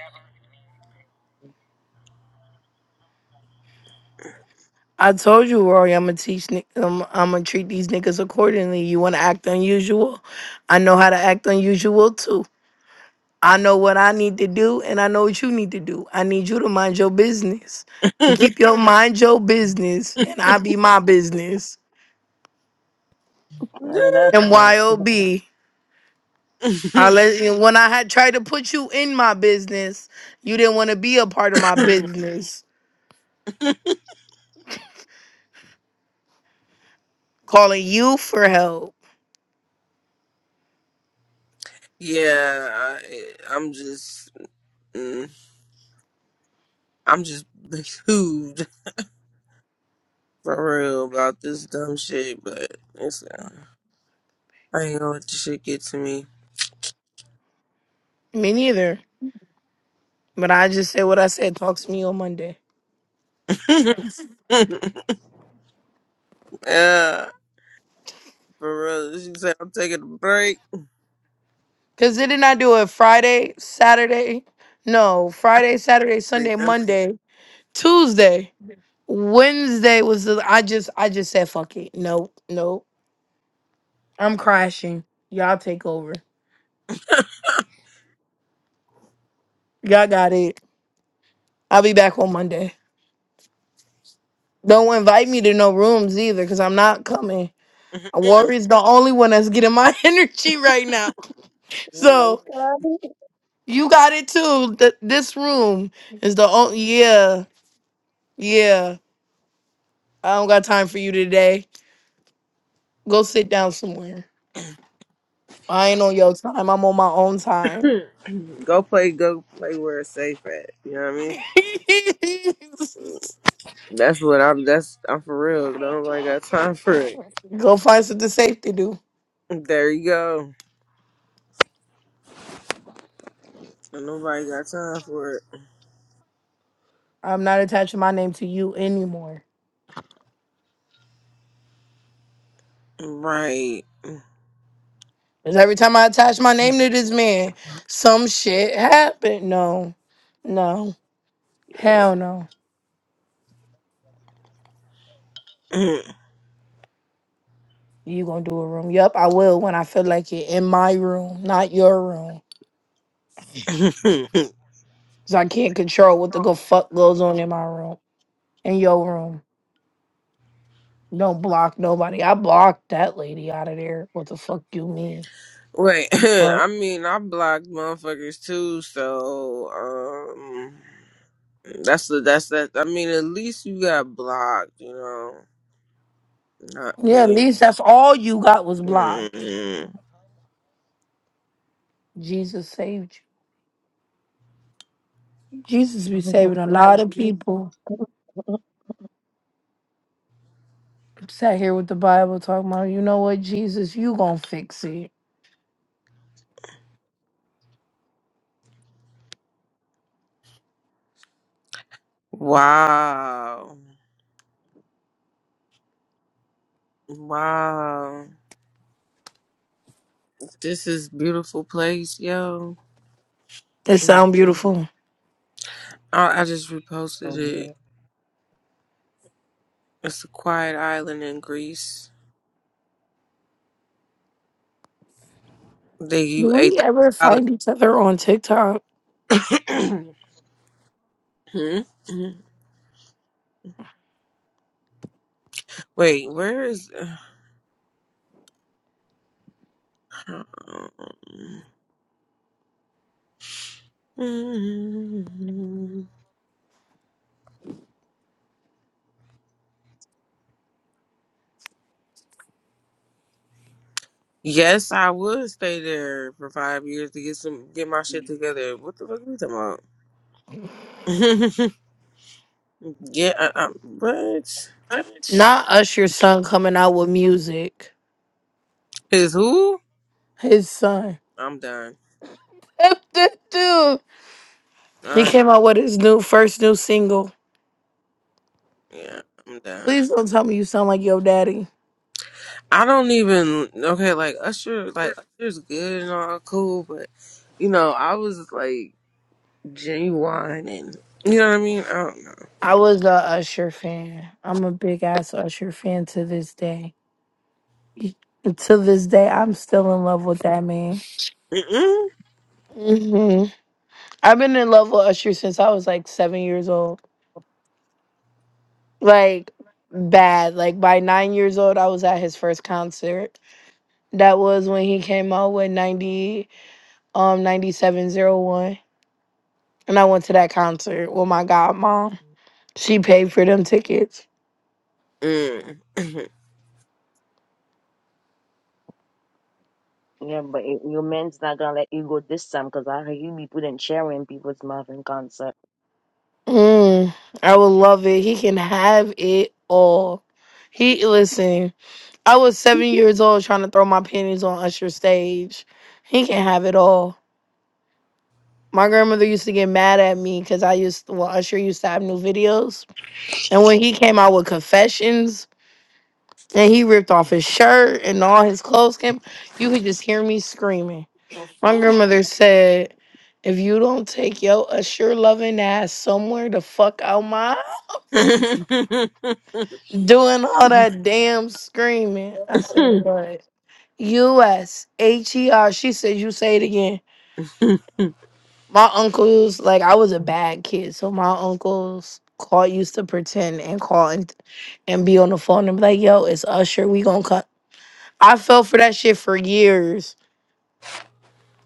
[SPEAKER 7] I told you, Rory, I'm gonna teach. ni- Um, I'm gonna treat these niggas accordingly. You wanna act unusual? I know how to act unusual too. I know what I need to do, and I know what you need to do. I need you to mind your business and keep your mind your business, and I be my business.
[SPEAKER 6] None of that's
[SPEAKER 1] yeah,
[SPEAKER 7] And
[SPEAKER 6] right.
[SPEAKER 7] YOB, let you. When I had tried to put you in my business, you didn't want to be a part of my business. Calling you for help.
[SPEAKER 1] I, I'm just, mm, I'm just behooved for real about this dumb shit, but it's, uh, I ain't gonna let the shit get to me.
[SPEAKER 7] Me neither. But I just said what I said. Talk to me on Monday.
[SPEAKER 1] yeah, For real. She said, I'm taking a break.
[SPEAKER 7] Cause didn't I do it Friday, Saturday? No,
[SPEAKER 1] I
[SPEAKER 7] Friday, Saturday,
[SPEAKER 1] can
[SPEAKER 7] Sunday, Monday, Tuesday, Wednesday was the. I just, I just said fuck it. No, no, I'm crashing. Y'all take over. Y'all got it. I'll be back on Monday. Don't invite me to no rooms either, cause I'm not coming. Warrior's the only one that's getting my energy right now. So you got it too. Th- this room is the only. Yeah, yeah. I don't got time for you today. Go sit down somewhere. I ain't on your time. I'm on my own time.
[SPEAKER 1] remember. go play, go play where it's safe at. You know what I mean? That's what I'm, that's, I'm for real. Nobody got time for it.
[SPEAKER 7] Go find something safe to do.
[SPEAKER 1] There you go. Nobody got time for it.
[SPEAKER 7] I'm not attaching my name to you anymore.
[SPEAKER 1] Right.
[SPEAKER 7] Because every time I attach my name to this man, some shit happened. No, no, hell no. You gonna do a room? Yup, I will when I feel like it in my room, not your room. Because I can't control what the go fuck goes on in my room, in your room. Don't block nobody. I blocked that lady out of there. What the fuck you mean?
[SPEAKER 1] Wait,
[SPEAKER 7] Fuck.
[SPEAKER 1] I mean, I blocked motherfuckers too, so, um, that's the, that's that. I mean, at least you got blocked, you know, not
[SPEAKER 7] Yeah, at
[SPEAKER 1] being.
[SPEAKER 7] least that's all you got was blocked.
[SPEAKER 1] Mm-mm.
[SPEAKER 7] Jesus saved you. Jesus be saving a
[SPEAKER 6] Not
[SPEAKER 7] lot of people.
[SPEAKER 6] good.
[SPEAKER 7] Sat here with the Bible talking about, you know what, Jesus, you gonna fix it.
[SPEAKER 1] Wow. Wow. This is beautiful place, yo.
[SPEAKER 7] It
[SPEAKER 1] Mm.
[SPEAKER 7] sound beautiful.
[SPEAKER 1] I, I just reposted it. It's a quiet island in Greece. They
[SPEAKER 7] Do
[SPEAKER 1] you eight
[SPEAKER 7] we ever
[SPEAKER 1] thousand
[SPEAKER 7] find each other on TikTok?
[SPEAKER 1] dollars. Hmm? Hmm. Wait, where is um, Yes, I would stay there for five years to get some get my shit together. What the fuck are we talking about? yeah, uh, uh, but
[SPEAKER 7] Not Usher's son coming out with music.
[SPEAKER 1] is who?
[SPEAKER 7] His son.
[SPEAKER 1] I'm done.
[SPEAKER 7] That Dude. He
[SPEAKER 1] I
[SPEAKER 7] came out with his new first new single.
[SPEAKER 1] yeah, I'm done.
[SPEAKER 7] Please don't tell me you sound like your daddy.
[SPEAKER 1] I don't even okay. Like Usher, like Usher's good and all cool, but you know, I was like genuine and you know what I mean. I don't
[SPEAKER 7] I was a Usher fan. I'm a big ass Usher fan to this day. To this day, I'm still in love with that man.
[SPEAKER 1] know.
[SPEAKER 7] hmm I've been in love with Usher since I was like seven years old. Like bad. Like by nine years old, I was at his first concert. That was when he came out with ninety um ninety seven zero one, and I went to that concert with my godmom. She paid for them tickets.
[SPEAKER 1] Mm-mm. Mm.
[SPEAKER 6] Yeah, but it, your man's not gonna let you go this time because I heard you be putting chair in people's mouth in concert.
[SPEAKER 7] Mm, I would love it. He can have it all. He listen. I was seven years old trying to throw my panties on Usher's stage. He can have it all. My grandmother used to get mad at me because I used well Usher used to have new videos, and when he came out with Confessions and he ripped off his shirt and all his clothes came, you could just hear me screaming. My grandmother said, "If you don't take your Usher loving ass somewhere to fuck out my house." doing all that damn screaming. I said, but U.S. She said, you say it again. My uncles, like I was a bad kid, so my uncles call used to pretend and call and, and be on the phone and be like, yo, it's Usher, we gonna cut. I fell for that shit for years.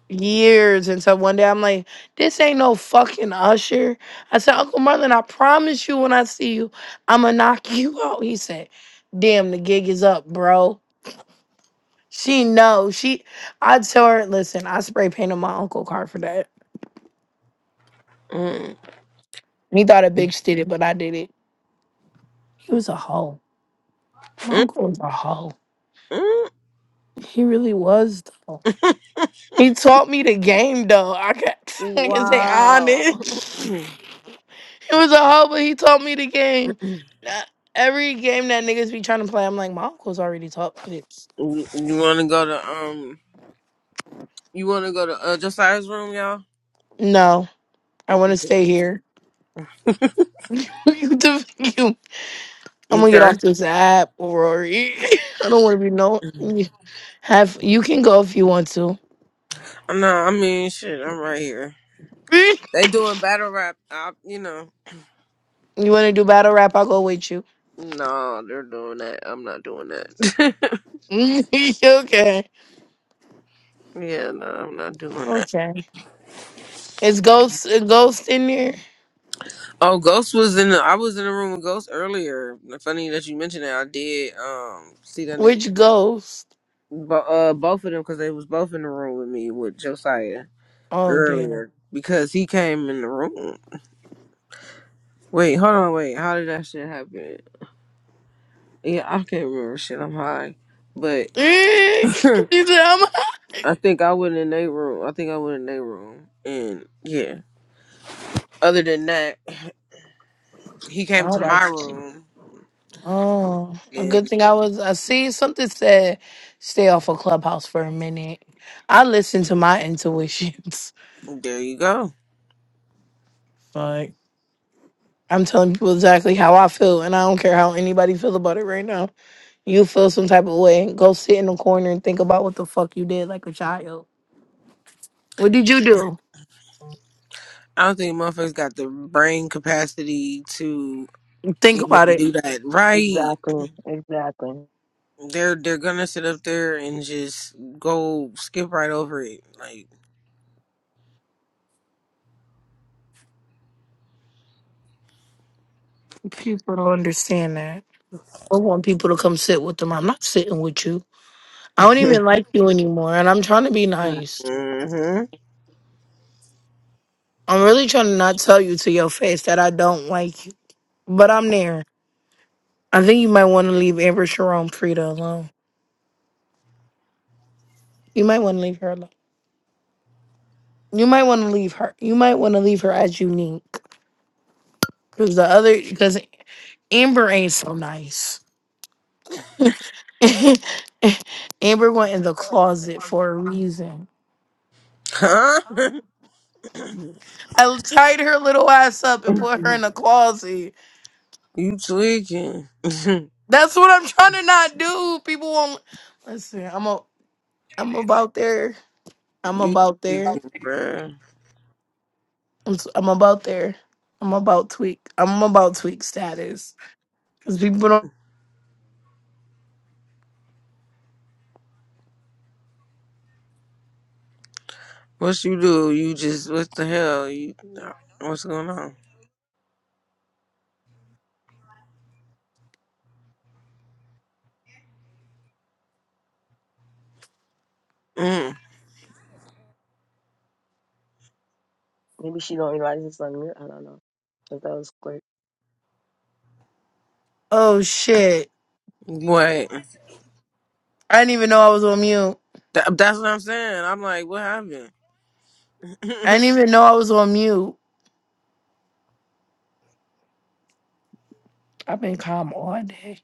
[SPEAKER 7] Years until one day I'm like, this ain't no fucking Usher. I said, Uncle Merlin, I promise you when I see you, I'ma knock you out. He said, Damn, the gig is up, bro. She knows. She I tell her, listen, I spray painted my uncle car for that.
[SPEAKER 1] Mm.
[SPEAKER 7] He thought a bitch did it, but I did it. He was a hoe. My
[SPEAKER 1] Mm.
[SPEAKER 7] uncle was a hoe.
[SPEAKER 1] Mm.
[SPEAKER 7] He really was though. He taught me the game though. I can I can say
[SPEAKER 1] Wow.
[SPEAKER 7] honest. He was a hoe, but he taught me the game. Now, Every game that niggas be trying to play, I'm like, my uncle's already taught me this.
[SPEAKER 1] You want to go to um? You want to go to uh, Josiah's room, y'all?
[SPEAKER 7] No, I want
[SPEAKER 1] Mm,
[SPEAKER 7] to stay
[SPEAKER 1] Good.
[SPEAKER 7] here. you, def- you- I'm gonna get
[SPEAKER 1] Okay.
[SPEAKER 7] off this app, Rory. I don't want to be known. Have you can go if you want to.
[SPEAKER 1] No, I mean, shit. I'm right here. They doing battle rap. I, you know,
[SPEAKER 7] You want to do battle rap? I'll go with you.
[SPEAKER 1] no, they're doing that. I'm not doing that.
[SPEAKER 7] okay.
[SPEAKER 1] yeah, no, I'm not doing that.
[SPEAKER 7] Okay. Is ghost a ghost in there?
[SPEAKER 1] Oh, Ghost was in. The, I was in the room with Ghost earlier. Funny that you mentioned that. I did um see that nigga.
[SPEAKER 7] Which ghost?
[SPEAKER 1] But uh, both of them because they was both in the room with me with Josiah
[SPEAKER 7] Oh damn.
[SPEAKER 1] earlier because he came in the room. Wait, hold on, wait. How did that shit happen? Yeah, I can't remember shit. I'm high, but
[SPEAKER 7] he said, I'm
[SPEAKER 1] I think I went in their room. I think I went in their room, and yeah. Other than that, he came
[SPEAKER 7] All
[SPEAKER 1] to my
[SPEAKER 7] right.
[SPEAKER 1] room,
[SPEAKER 7] Oh, a good
[SPEAKER 1] and
[SPEAKER 7] thing I was. I see something said stay off of Clubhouse for a minute. I listen to my intuitions.
[SPEAKER 1] there you go.
[SPEAKER 7] Like I'm telling people exactly how I feel, and I don't care how anybody feel about it right now. you feel some type of way, go sit in the corner and think about what the fuck you did like a child. What did you do?
[SPEAKER 1] I don't think motherfuckers got the brain capacity to
[SPEAKER 7] Think about
[SPEAKER 1] even
[SPEAKER 7] it.
[SPEAKER 1] do that right.
[SPEAKER 6] Exactly, exactly.
[SPEAKER 1] They're they're gonna sit up there and just go skip right over it, like.
[SPEAKER 7] People don't understand that. I want people to come sit with them. I'm not sitting with you. I don't even like you anymore, and I'm trying to be nice.
[SPEAKER 1] hmm
[SPEAKER 7] I'm really trying to not tell you to your face that I don't like you, but I'm there. I think you might want to leave Amber Sharon Frida alone. You might want to leave her alone. You might want to leave her. You might want to leave her as unique, because the other, because Amber ain't so nice. Amber went in the closet for a reason.
[SPEAKER 1] Huh?
[SPEAKER 7] I tied her little ass up and put her in the closet.
[SPEAKER 1] you tweaking?
[SPEAKER 7] That's what I'm trying to not do. People won't listen. I'm a, I'm about there. I'm
[SPEAKER 1] you
[SPEAKER 7] about there.
[SPEAKER 1] tweaking, bruh.
[SPEAKER 7] I'm, s- I'm about there. I'm about tweak. I'm about tweak status because people don't.
[SPEAKER 1] What you do? You just what the hell? You no, what's going on? Mm.
[SPEAKER 6] Maybe she don't realize it's on mute. I don't know. But that was great.
[SPEAKER 7] Oh shit!
[SPEAKER 1] What?
[SPEAKER 7] I didn't even know I was on mute.
[SPEAKER 1] That, that's what I'm saying. I'm like, what happened?
[SPEAKER 7] I didn't even know I was on mute. I've been calm all day.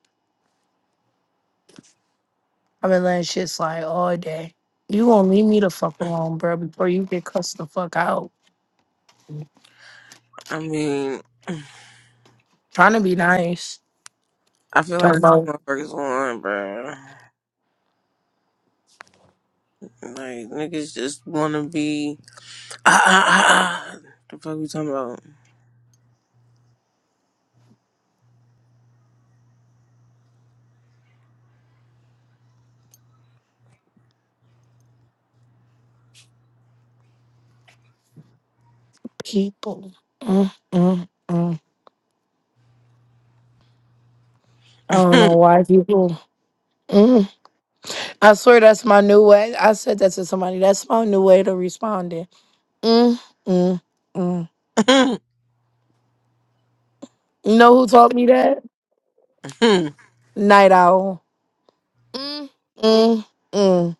[SPEAKER 7] I've been letting shit slide all day. You gonna leave me the fuck alone, bro, before you get cussed the fuck out.
[SPEAKER 1] I mean,
[SPEAKER 7] Trying to be nice.
[SPEAKER 1] I feel like
[SPEAKER 7] Talk
[SPEAKER 1] that's
[SPEAKER 7] about
[SPEAKER 1] what motherfuckers want, bro. Like niggas just want to be. Ah, ah, ah, ah. The fuck we talking about?
[SPEAKER 7] people. Mm, mm, mm. I don't know why people. Mm. I swear that's my new way. I said that to somebody. That's my new way to responding. Mm, mm, mm. You know who taught me that? Night Owl. Mm, mm, mm.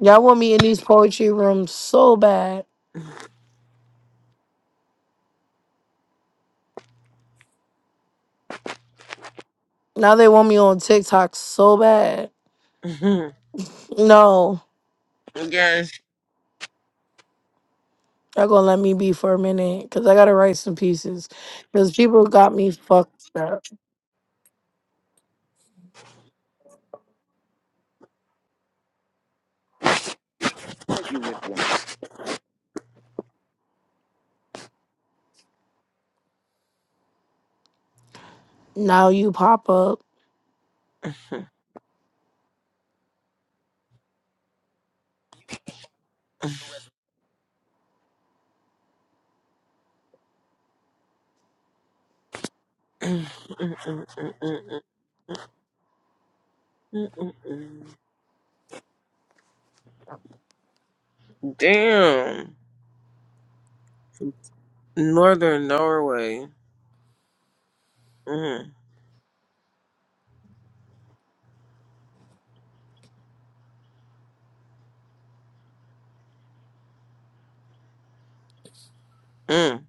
[SPEAKER 7] Y'all want me in these poetry rooms so bad. Now they want me on TikTok so bad. No,
[SPEAKER 1] yes.
[SPEAKER 7] Y'all gonna let me be for a minute, cause I gotta write some pieces. Cause people got me fucked up. Now you pop up.
[SPEAKER 1] Damn, Northern Norway. Mm, mm.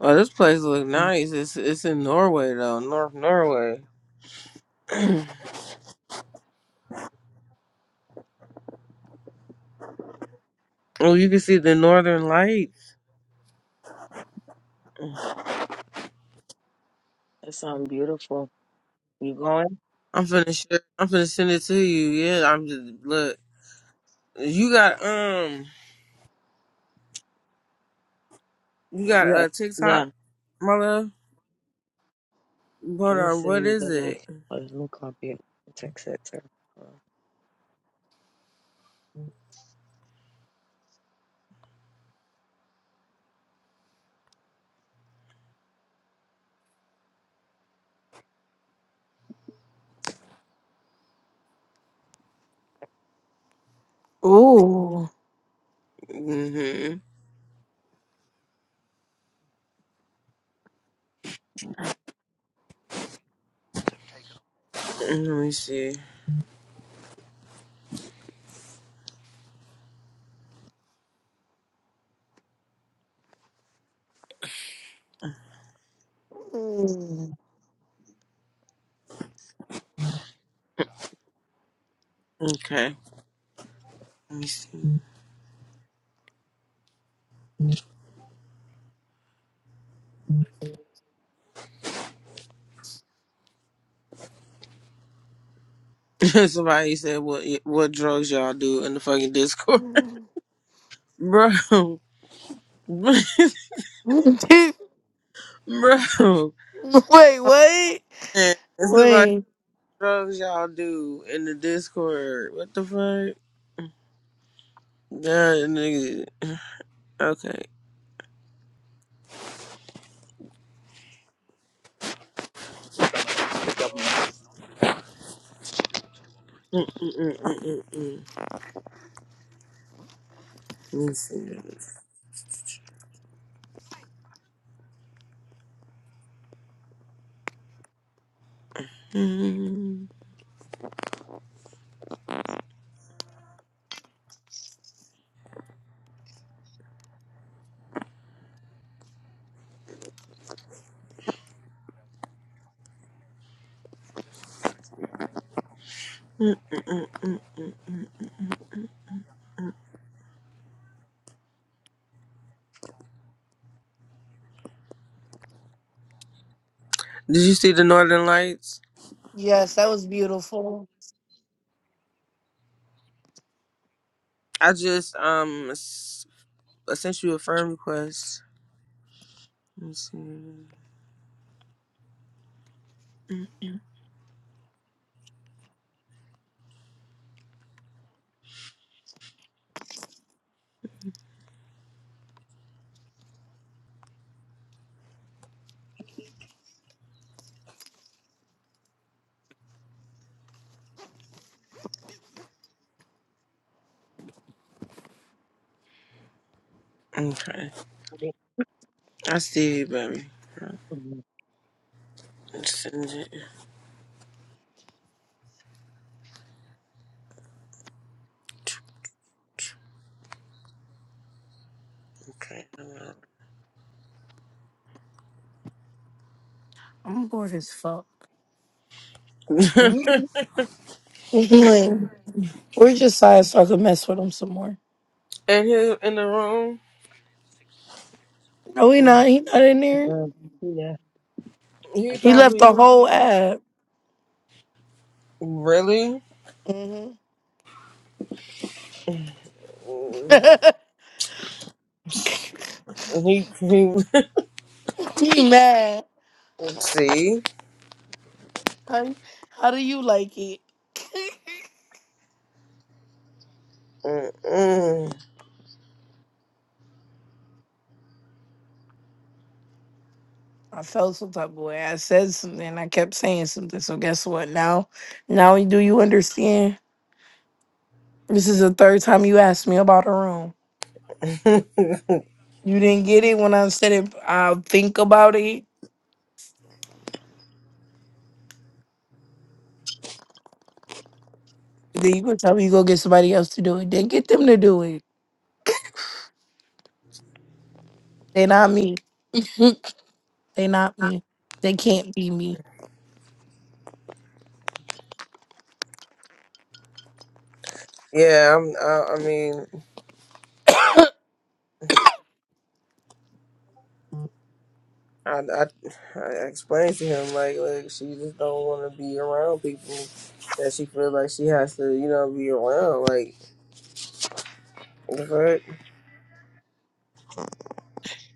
[SPEAKER 1] Well, this place look nice. It's it's in Norway though, North Norway. Oh, you can see the northern lights.
[SPEAKER 6] That sounds beautiful. You going?
[SPEAKER 1] I'm finna share, I'm finna send it to you. Yeah, I'm just look. You got um, you got
[SPEAKER 6] Yeah.
[SPEAKER 1] a uh,
[SPEAKER 6] Yeah.
[SPEAKER 1] TikTok, my love. Hold
[SPEAKER 6] Let me
[SPEAKER 1] on,
[SPEAKER 6] send
[SPEAKER 1] what
[SPEAKER 6] you the
[SPEAKER 1] is it?
[SPEAKER 6] link. Or Let me copy it. and Text it to her.
[SPEAKER 7] Ooh.
[SPEAKER 1] Mm-hmm. Let me see.
[SPEAKER 7] Mm.
[SPEAKER 1] Okay. Let me see. Somebody said, "What what drugs y'all do in the fucking Discord, bro, bro?" Man,
[SPEAKER 7] Wait, what?
[SPEAKER 1] Somebody said,
[SPEAKER 7] Wait.
[SPEAKER 1] drugs y'all do in the Discord. What the fuck? Yeah, nigga. Okay. Mm, mm, mm, mm, mm, mm. Let me see. this. Mm, mm, mm, mm, mm, mm, mm. Did you see the Northern Lights?
[SPEAKER 7] Yes, that was beautiful.
[SPEAKER 1] I just um s- I sent you a firm request. Let me see. Mm. Okay,
[SPEAKER 6] Wait.
[SPEAKER 1] I see you, baby.
[SPEAKER 6] Mhm.
[SPEAKER 1] Send it. Okay. I'm out.
[SPEAKER 7] I'm bored as fuck.
[SPEAKER 6] Mhm.
[SPEAKER 7] Like, Where's Josiah so I could mess with him some more?
[SPEAKER 1] and he in the room.
[SPEAKER 7] No, he
[SPEAKER 1] Mm,
[SPEAKER 7] not. He not in there.
[SPEAKER 6] Mhm. Yeah,
[SPEAKER 1] He
[SPEAKER 6] I
[SPEAKER 7] He
[SPEAKER 6] think.
[SPEAKER 7] left
[SPEAKER 1] probably
[SPEAKER 7] the whole ad.
[SPEAKER 1] really.
[SPEAKER 7] hmm
[SPEAKER 1] Mm, He he.
[SPEAKER 7] he mad.
[SPEAKER 1] See.
[SPEAKER 7] How, how do you like it?
[SPEAKER 1] Mm-mm.
[SPEAKER 7] I felt some type of way. I said something. I kept saying something. So guess what? Now, now do you understand? This is the third time you asked me about a room. You didn't get it when I said it. I'll think about it. Then you gonna tell me you go get somebody else to do it. Then get them to do it. They not me. they not me. They can't be me.
[SPEAKER 1] Yeah, I'm, I, I mean, I, I, I explained to him like, look, she just don't want to be around people that she feel like she has to, you know, be around. Like, what the fuck?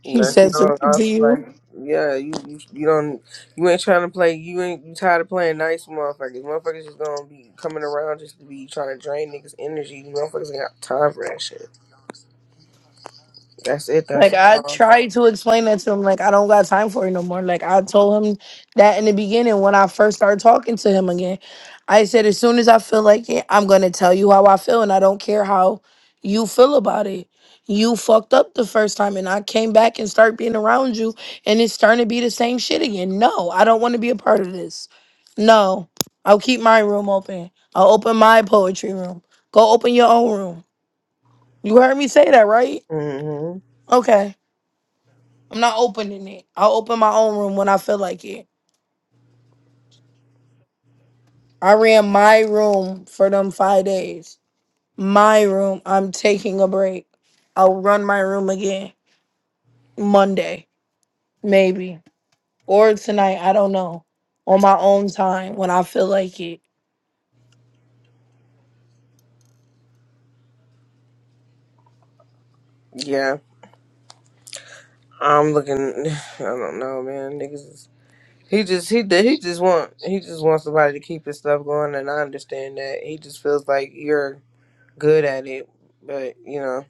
[SPEAKER 7] He
[SPEAKER 1] Like, you
[SPEAKER 7] said
[SPEAKER 1] know,
[SPEAKER 7] something
[SPEAKER 1] I
[SPEAKER 7] to
[SPEAKER 1] feel
[SPEAKER 7] you.
[SPEAKER 1] like, yeah, you, you, you don't, you ain't trying to play. You ain't you tired of playing nice, motherfuckers. Motherfuckers just gonna be coming around just to be trying to drain niggas' energy. Motherfuckers ain't got time for that shit. That's it.
[SPEAKER 7] Like
[SPEAKER 1] That's
[SPEAKER 7] I
[SPEAKER 1] all.
[SPEAKER 7] tried to explain that to him, like I don't got time for it no more. Like I told him that in the beginning when I first started talking to him again. I said as soon as I feel like it, I'm gonna tell you how I feel and I don't care how you feel about it. You fucked up the first time and I came back and started being around you and it's starting to be the same shit again. No, I don't wanna be a part of this. No. I'll keep my room open. I'll open my poetry room. Go open your own room. You heard me say that, right?
[SPEAKER 1] hmm
[SPEAKER 7] Okay. I'm not opening it. I'll open my own room when I feel like it. I ran my room for them five days. My room. I'm taking a break. I'll run my room again Monday, maybe. Or tonight. I don't know. On my own time when I feel like it.
[SPEAKER 1] Yeah. I'm looking. I don't know, man. Niggas. He just he he just want he just wants somebody to keep his stuff going, and I understand that. He just feels like you're good at it, but you know,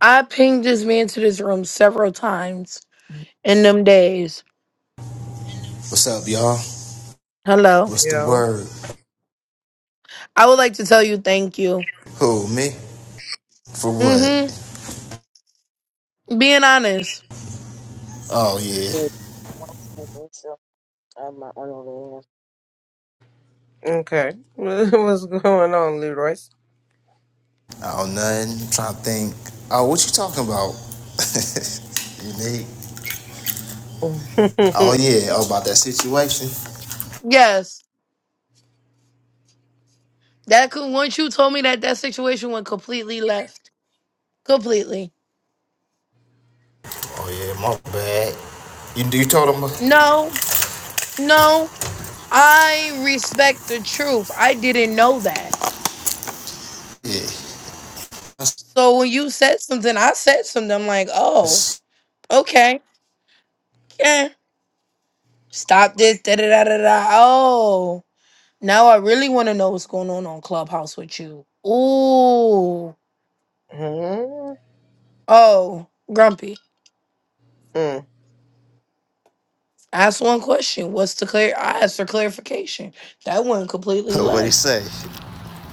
[SPEAKER 7] I pinged this man to this room several times in them days.
[SPEAKER 8] What's up, y'all?
[SPEAKER 7] Hello.
[SPEAKER 8] What's
[SPEAKER 1] you
[SPEAKER 8] the
[SPEAKER 1] know.
[SPEAKER 8] word?
[SPEAKER 7] I would like to tell you thank you.
[SPEAKER 8] Who, me? For what?
[SPEAKER 7] Mm-hmm. Being honest.
[SPEAKER 8] Oh, yeah.
[SPEAKER 6] Wait. One second, so I have my own over here.
[SPEAKER 1] Okay, what's going on, Leroyce?
[SPEAKER 8] Oh, nothing. I'm trying to think. Oh, what you talking about? Unique. Oh, yeah. Oh, about that situation.
[SPEAKER 7] Yes. That could once you told me that that situation went completely left. Completely.
[SPEAKER 8] Oh, yeah. My bad. You, you told him? about-
[SPEAKER 7] No, no. I respect the truth. I didn't know that.
[SPEAKER 8] Yeah. That's-
[SPEAKER 7] So when you said something, I said something. I'm like, oh,
[SPEAKER 8] that's-
[SPEAKER 7] okay. Yeah. Stop this. Da da da da da. Oh. Now I really want to know what's going on on Clubhouse with you. Ooh.
[SPEAKER 1] Mm.
[SPEAKER 7] Oh, Grumpy. Ask one question. What's the clear? I asked for clarification. That one completely
[SPEAKER 8] What'd he
[SPEAKER 7] left.
[SPEAKER 8] say?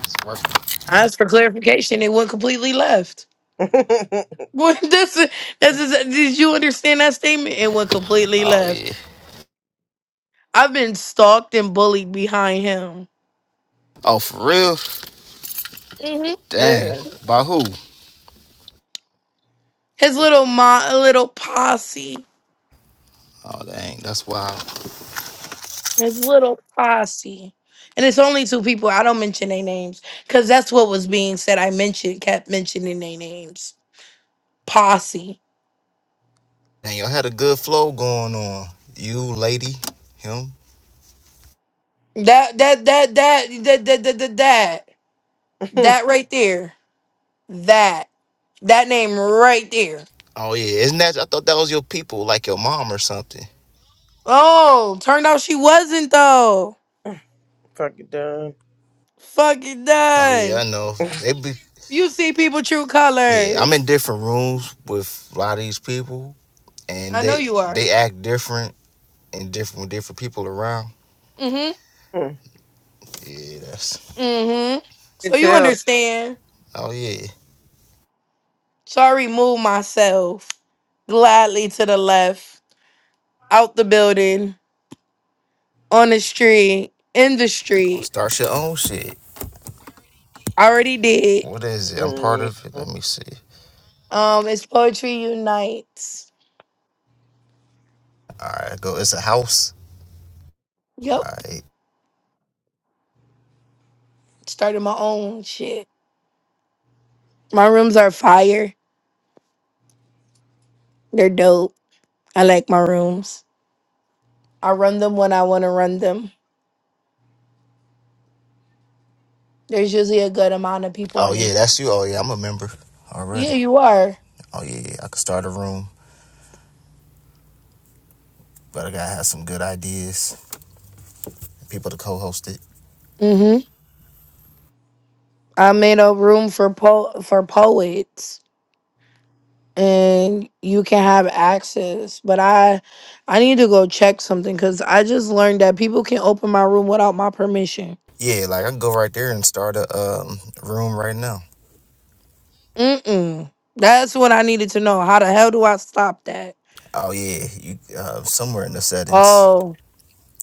[SPEAKER 8] It's working.
[SPEAKER 7] I asked for clarification. It went completely left. Well, that's a, that's a, did you understand that statement? And went completely
[SPEAKER 8] Oh, yeah.
[SPEAKER 7] left. I've been stalked and bullied behind him.
[SPEAKER 8] Oh, for real?
[SPEAKER 7] hmm
[SPEAKER 8] Dang.
[SPEAKER 1] yeah,
[SPEAKER 8] By who?
[SPEAKER 7] His little mo- little posse,
[SPEAKER 8] Oh, dang. That's wild.
[SPEAKER 7] his little posse, and it's only two people. I don't mention their names because that's what was being said. I mentioned kept mentioning their names. Posse.
[SPEAKER 8] Dang, y'all had a good flow going on. You, lady, him.
[SPEAKER 7] That that that that that that that that that, that right there. That that name right there.
[SPEAKER 8] Oh yeah, isn't that? I thought that was your people, like your mom or something.
[SPEAKER 7] Oh, turned out she wasn't though.
[SPEAKER 1] fucking done.
[SPEAKER 7] Fucking
[SPEAKER 8] Oh yeah, I
[SPEAKER 7] done.
[SPEAKER 8] know. They be
[SPEAKER 7] You see people true
[SPEAKER 8] yeah. I'm in
[SPEAKER 7] colors.
[SPEAKER 8] different rooms with a lot of these people, and
[SPEAKER 7] I know
[SPEAKER 8] they
[SPEAKER 7] you are.
[SPEAKER 8] they act different and different with different people around.
[SPEAKER 7] Mm-hmm.
[SPEAKER 1] Mm. I
[SPEAKER 8] Yeah, that's.
[SPEAKER 7] Mm-hmm.
[SPEAKER 1] can
[SPEAKER 7] So you
[SPEAKER 1] tell.
[SPEAKER 7] understand.
[SPEAKER 8] Oh yeah.
[SPEAKER 7] So I remove myself gladly to the left, out the building, on the street, in the
[SPEAKER 8] Oh,
[SPEAKER 7] street.
[SPEAKER 8] start your own shit.
[SPEAKER 7] I already did.
[SPEAKER 8] What is it? I'm part
[SPEAKER 1] Mm.
[SPEAKER 8] of it. Let me see.
[SPEAKER 7] Um, it's Poetry Unites.
[SPEAKER 8] All right, go. It's a house.
[SPEAKER 7] Yep.
[SPEAKER 8] All right.
[SPEAKER 7] Started my own shit. My rooms are fire. They're dope. I like my rooms. I run them when I want to run them. There's usually a good amount of people
[SPEAKER 8] Oh
[SPEAKER 7] in
[SPEAKER 8] yeah,
[SPEAKER 7] 'em.
[SPEAKER 8] that's you. Oh yeah, I'm a member already.
[SPEAKER 7] Yeah, you are.
[SPEAKER 8] Oh yeah, yeah, I could start a room, but I gotta have some good ideas, people to co-host it.
[SPEAKER 7] hmm I made a room for po- for poets, and you can have access. But I, I need to go check something because I just learned that people can open my room without my permission.
[SPEAKER 8] Yeah, like I can go right there and start a um, room right now.
[SPEAKER 7] Mm-mm. That's what I needed to know. How the hell do I stop that?
[SPEAKER 8] Oh yeah, you uh, somewhere in the settings.
[SPEAKER 7] Oh,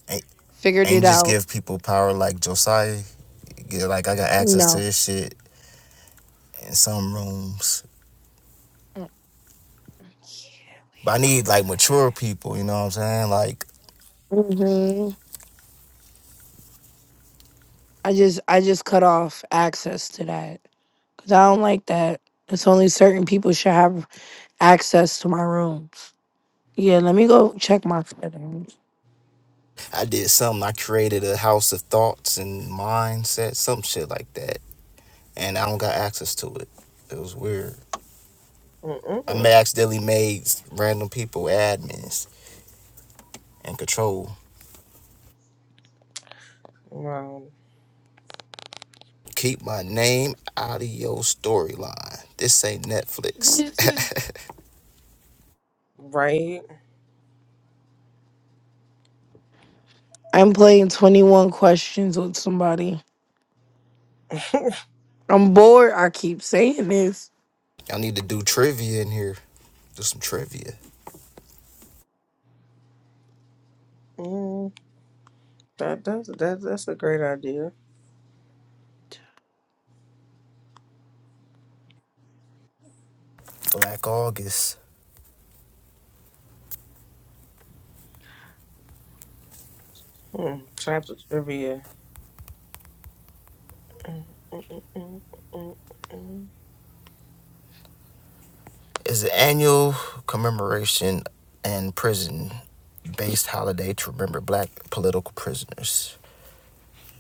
[SPEAKER 8] Ain't,
[SPEAKER 7] figured it
[SPEAKER 8] ain't just
[SPEAKER 7] out.
[SPEAKER 8] give people power like Josiah. Get, like I got access to
[SPEAKER 7] No.
[SPEAKER 8] this shit in some rooms.
[SPEAKER 7] Mm. Yeah, we
[SPEAKER 8] But I
[SPEAKER 7] ain't
[SPEAKER 8] need
[SPEAKER 7] gonna
[SPEAKER 8] like mature
[SPEAKER 7] do
[SPEAKER 8] people. You know what I'm saying? Like
[SPEAKER 7] that. Mm-hmm. I just, I just cut off access to that because I don't like that. It's only certain people should have access to my rooms. Yeah, let me go check my settings.
[SPEAKER 8] I did something. I created a house of thoughts and mindset, some shit like that. And I don't got access to it. It was weird. I ma-
[SPEAKER 1] Mm-mm.
[SPEAKER 8] accidentally made random people admins and control
[SPEAKER 1] Wow,
[SPEAKER 8] Keep my name out of your storyline. This ain't Netflix.
[SPEAKER 7] This is-
[SPEAKER 1] right?
[SPEAKER 7] I'm playing 21 questions with somebody. I'm bored. I keep saying this.
[SPEAKER 8] Y'all need to do trivia in here. Do some trivia.
[SPEAKER 1] Mm. That that's that, that's a great idea.
[SPEAKER 8] Black August
[SPEAKER 1] Hmm. Trap of trivia. Mm, mm,
[SPEAKER 8] is an annual commemoration and prison based holiday to remember black political prisoners,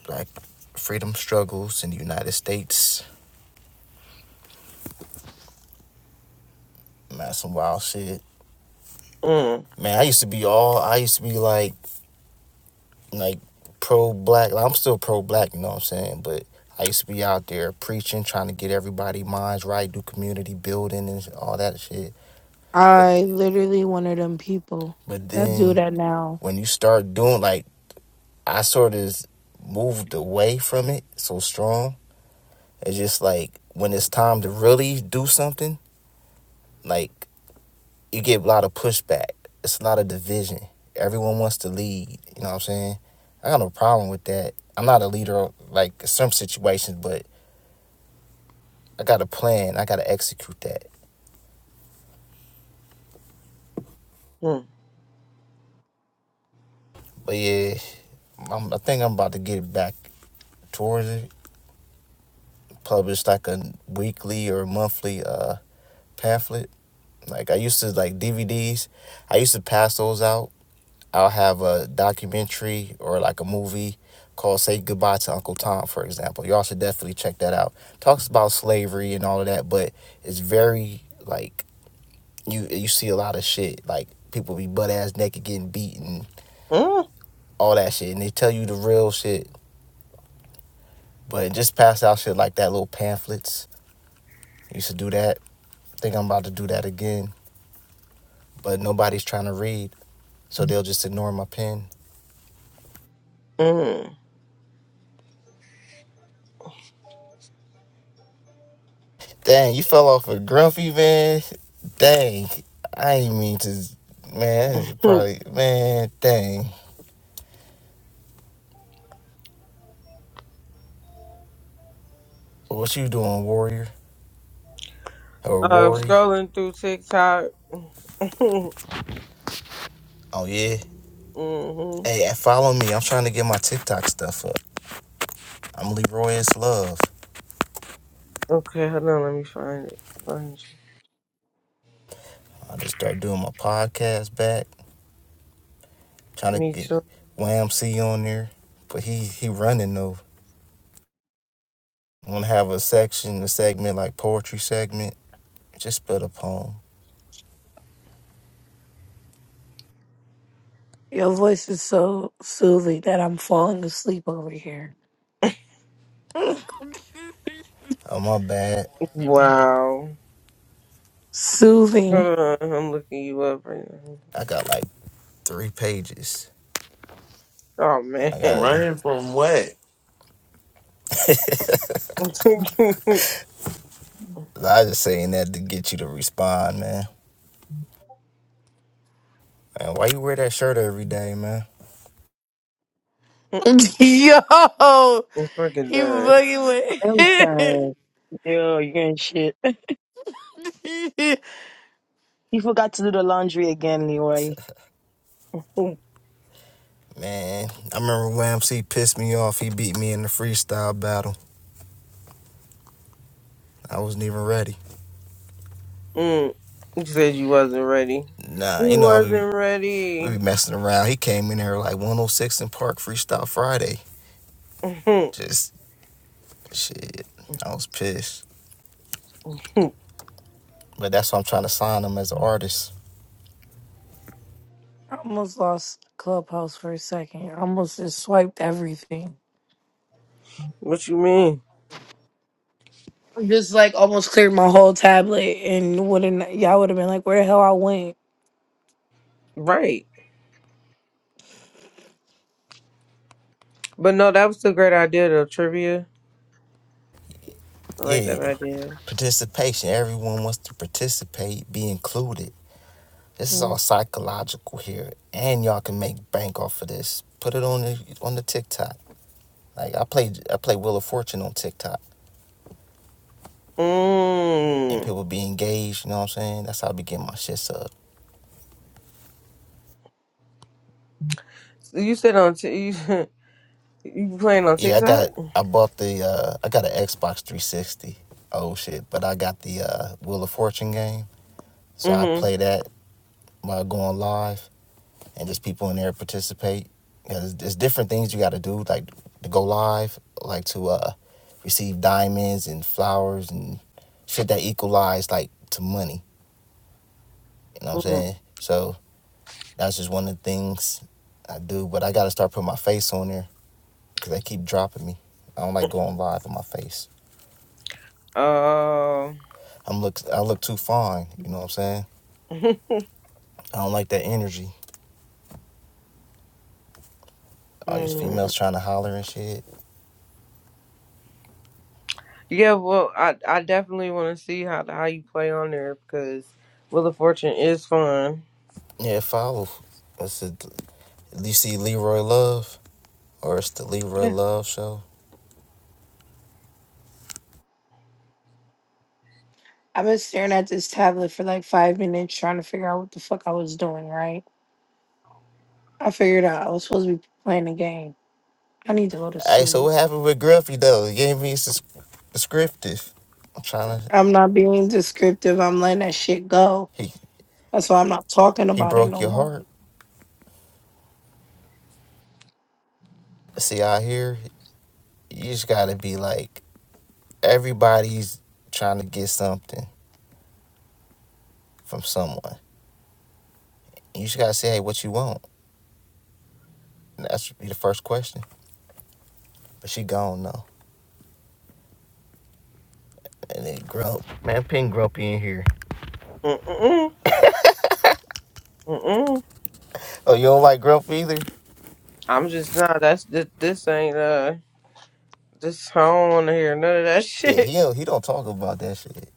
[SPEAKER 8] black freedom struggles in the United States. Man, some wild shit.
[SPEAKER 1] mm,
[SPEAKER 8] Man, I used to be all I used to be like like pro black. I'm still pro black, you know what I'm saying? But I used to be out there preaching, trying to get everybody minds right, do community building and all that shit. But
[SPEAKER 7] I literally one of them people
[SPEAKER 8] but
[SPEAKER 7] that do
[SPEAKER 8] then
[SPEAKER 7] that now.
[SPEAKER 8] when you start doing like I sort of moved away from it so strong. It's just like when it's time to really do something, like you get a lot of pushback. It's a lot of division. Everyone wants to lead, you know what I'm saying? I got no problem with that. I'm not a leader like in some situations, but I got a plan. I got to execute that. But yeah, I'm, I think I'm about to get back towards it. Publish like a weekly or monthly uh pamphlet. Like I used to like DVDs. I used to pass those out. I'll have a documentary or like a movie called "Say Goodbye to Uncle Tom," for example. Y'all should definitely check that out. Talks about slavery and all of that, but it's very like you you see a lot of shit like people be butt ass naked getting beaten all that shit and they tell you the real shit But just pass out shit like that, little pamphlets. I Used to do that. I Think I'm about to do that again. But nobody's trying to read, so they'll just ignore my pen. Dang, you fell off a grumpy man. Dang, I ain't mean to. Man, you
[SPEAKER 1] mm.
[SPEAKER 8] probably man. Dang, what you doing, warrior or
[SPEAKER 1] Uh,
[SPEAKER 8] worry?
[SPEAKER 1] scrolling through TikTok. hmm
[SPEAKER 8] Oh yeah. Hey, hey, follow me. I'm trying to get my TikTok stuff up. I'm Leroy is Love.
[SPEAKER 1] Okay, hold on. Let me find it. Find you.
[SPEAKER 8] I just start doing my podcast back. Trying to
[SPEAKER 1] Me
[SPEAKER 8] get
[SPEAKER 1] too.
[SPEAKER 8] Wham C on there, but he he running though. want to have a section, a segment like poetry segment. Just spit a poem.
[SPEAKER 7] Your voice is so soothing that I'm falling asleep over here.
[SPEAKER 8] Oh my bad.
[SPEAKER 1] Wow.
[SPEAKER 7] soothing.
[SPEAKER 1] Hold on. I'm looking you up right
[SPEAKER 8] I got like three pages.
[SPEAKER 1] now. Oh, man.
[SPEAKER 8] I gotta.
[SPEAKER 4] Running from what?
[SPEAKER 8] I just saying that to get you to respond, man. Man, why you wear that shirt every day, man?
[SPEAKER 7] Yo,
[SPEAKER 1] I'm fucking
[SPEAKER 7] he
[SPEAKER 1] done.
[SPEAKER 7] fucking
[SPEAKER 6] I'm
[SPEAKER 7] with
[SPEAKER 6] dying. Yo, you're in shit. You forgot to do the laundry again, Leroy.
[SPEAKER 1] Mm.
[SPEAKER 8] Man, I remember when MC pissed me off. He beat me in the freestyle battle. I wasn't even ready.
[SPEAKER 1] You said you wasn't ready.
[SPEAKER 8] Nah, you
[SPEAKER 1] You
[SPEAKER 8] know I be
[SPEAKER 1] wasn't
[SPEAKER 8] we
[SPEAKER 1] ready.
[SPEAKER 8] be messing around. He came in there like 106 in Park Freestyle Friday. Just shit. I was pissed. But that's why I'm trying to sign him as an artist.
[SPEAKER 7] I almost lost Clubhouse for a second. I almost just swiped everything.
[SPEAKER 1] what you mean?
[SPEAKER 7] Just like almost cleared my whole tablet and wouldn't y'all would have been like, where the hell I went?
[SPEAKER 1] Right. But no, that was a great idea though. Trivia, I like
[SPEAKER 8] Yeah,
[SPEAKER 1] that idea.
[SPEAKER 8] Participation. Everyone wants to participate, be included. This is
[SPEAKER 7] Mm.
[SPEAKER 8] all psychological here, and y'all can make bank off of this. Put it on the on the TikTok. Like I play I play Wheel of Fortune on TikTok, and
[SPEAKER 1] Mm.
[SPEAKER 8] people be engaged. You know what I'm saying? That's how I be getting my shit up.
[SPEAKER 1] So you said on t- you you playing on
[SPEAKER 8] Yeah, I
[SPEAKER 1] TikTok?
[SPEAKER 8] got, I bought the, uh, I got an Xbox 360. Oh shit! But I got the uh, Wheel of Fortune game, so I play
[SPEAKER 1] Mm-hmm.
[SPEAKER 8] that while going live. and just people in there participate. Yeah, there's, there's different things you got to do, like to go live, like to uh, receive diamonds and flowers and shit that equalize like to money. You know what I'm
[SPEAKER 1] mm
[SPEAKER 8] saying? So that's just one of the things I do. But I got to start putting my face on there because they keep dropping me. I don't like going live with my face.
[SPEAKER 1] Uh,
[SPEAKER 8] I'm look I look too fine. You know what I'm saying? I don't like that energy. All these
[SPEAKER 1] mm.
[SPEAKER 8] females trying to holler and shit.
[SPEAKER 1] Yeah. Well, I I definitely want to see how how you play on there because Wheel of Fortune is fun.
[SPEAKER 8] Yeah, follow. That's it. You see Leroy Love. Or it's the Leroy
[SPEAKER 1] Yeah.
[SPEAKER 8] Love show.
[SPEAKER 7] I've been staring at this tablet for like five minutes trying to figure out what the fuck I was doing, right? I figured out I was supposed to be playing a game. I need to go to
[SPEAKER 8] Hey, so
[SPEAKER 7] sleep.
[SPEAKER 8] what happened with Gruffy though? he gave me sus- descriptive. I'm trying to.
[SPEAKER 7] I'm not being descriptive. I'm letting that shit go.
[SPEAKER 8] He
[SPEAKER 7] That's why I'm not talking
[SPEAKER 8] he
[SPEAKER 7] about it
[SPEAKER 8] broke
[SPEAKER 7] no
[SPEAKER 8] your
[SPEAKER 7] more.
[SPEAKER 8] heart. See out here, you just gotta be like everybody's trying to get something from someone. And You just gotta say, hey, what you want? And that should be the first question. But she gone though. And then Grump. Man, pin Grumpy in here.
[SPEAKER 1] Mm-mm. Mm-mm.
[SPEAKER 8] Oh, you don't like Grump either?
[SPEAKER 1] I'm just nah. That's this, this ain't uh this. I don't want to hear none of that
[SPEAKER 8] Yeah, he
[SPEAKER 1] shit.
[SPEAKER 8] don't, he don't talk about that shit.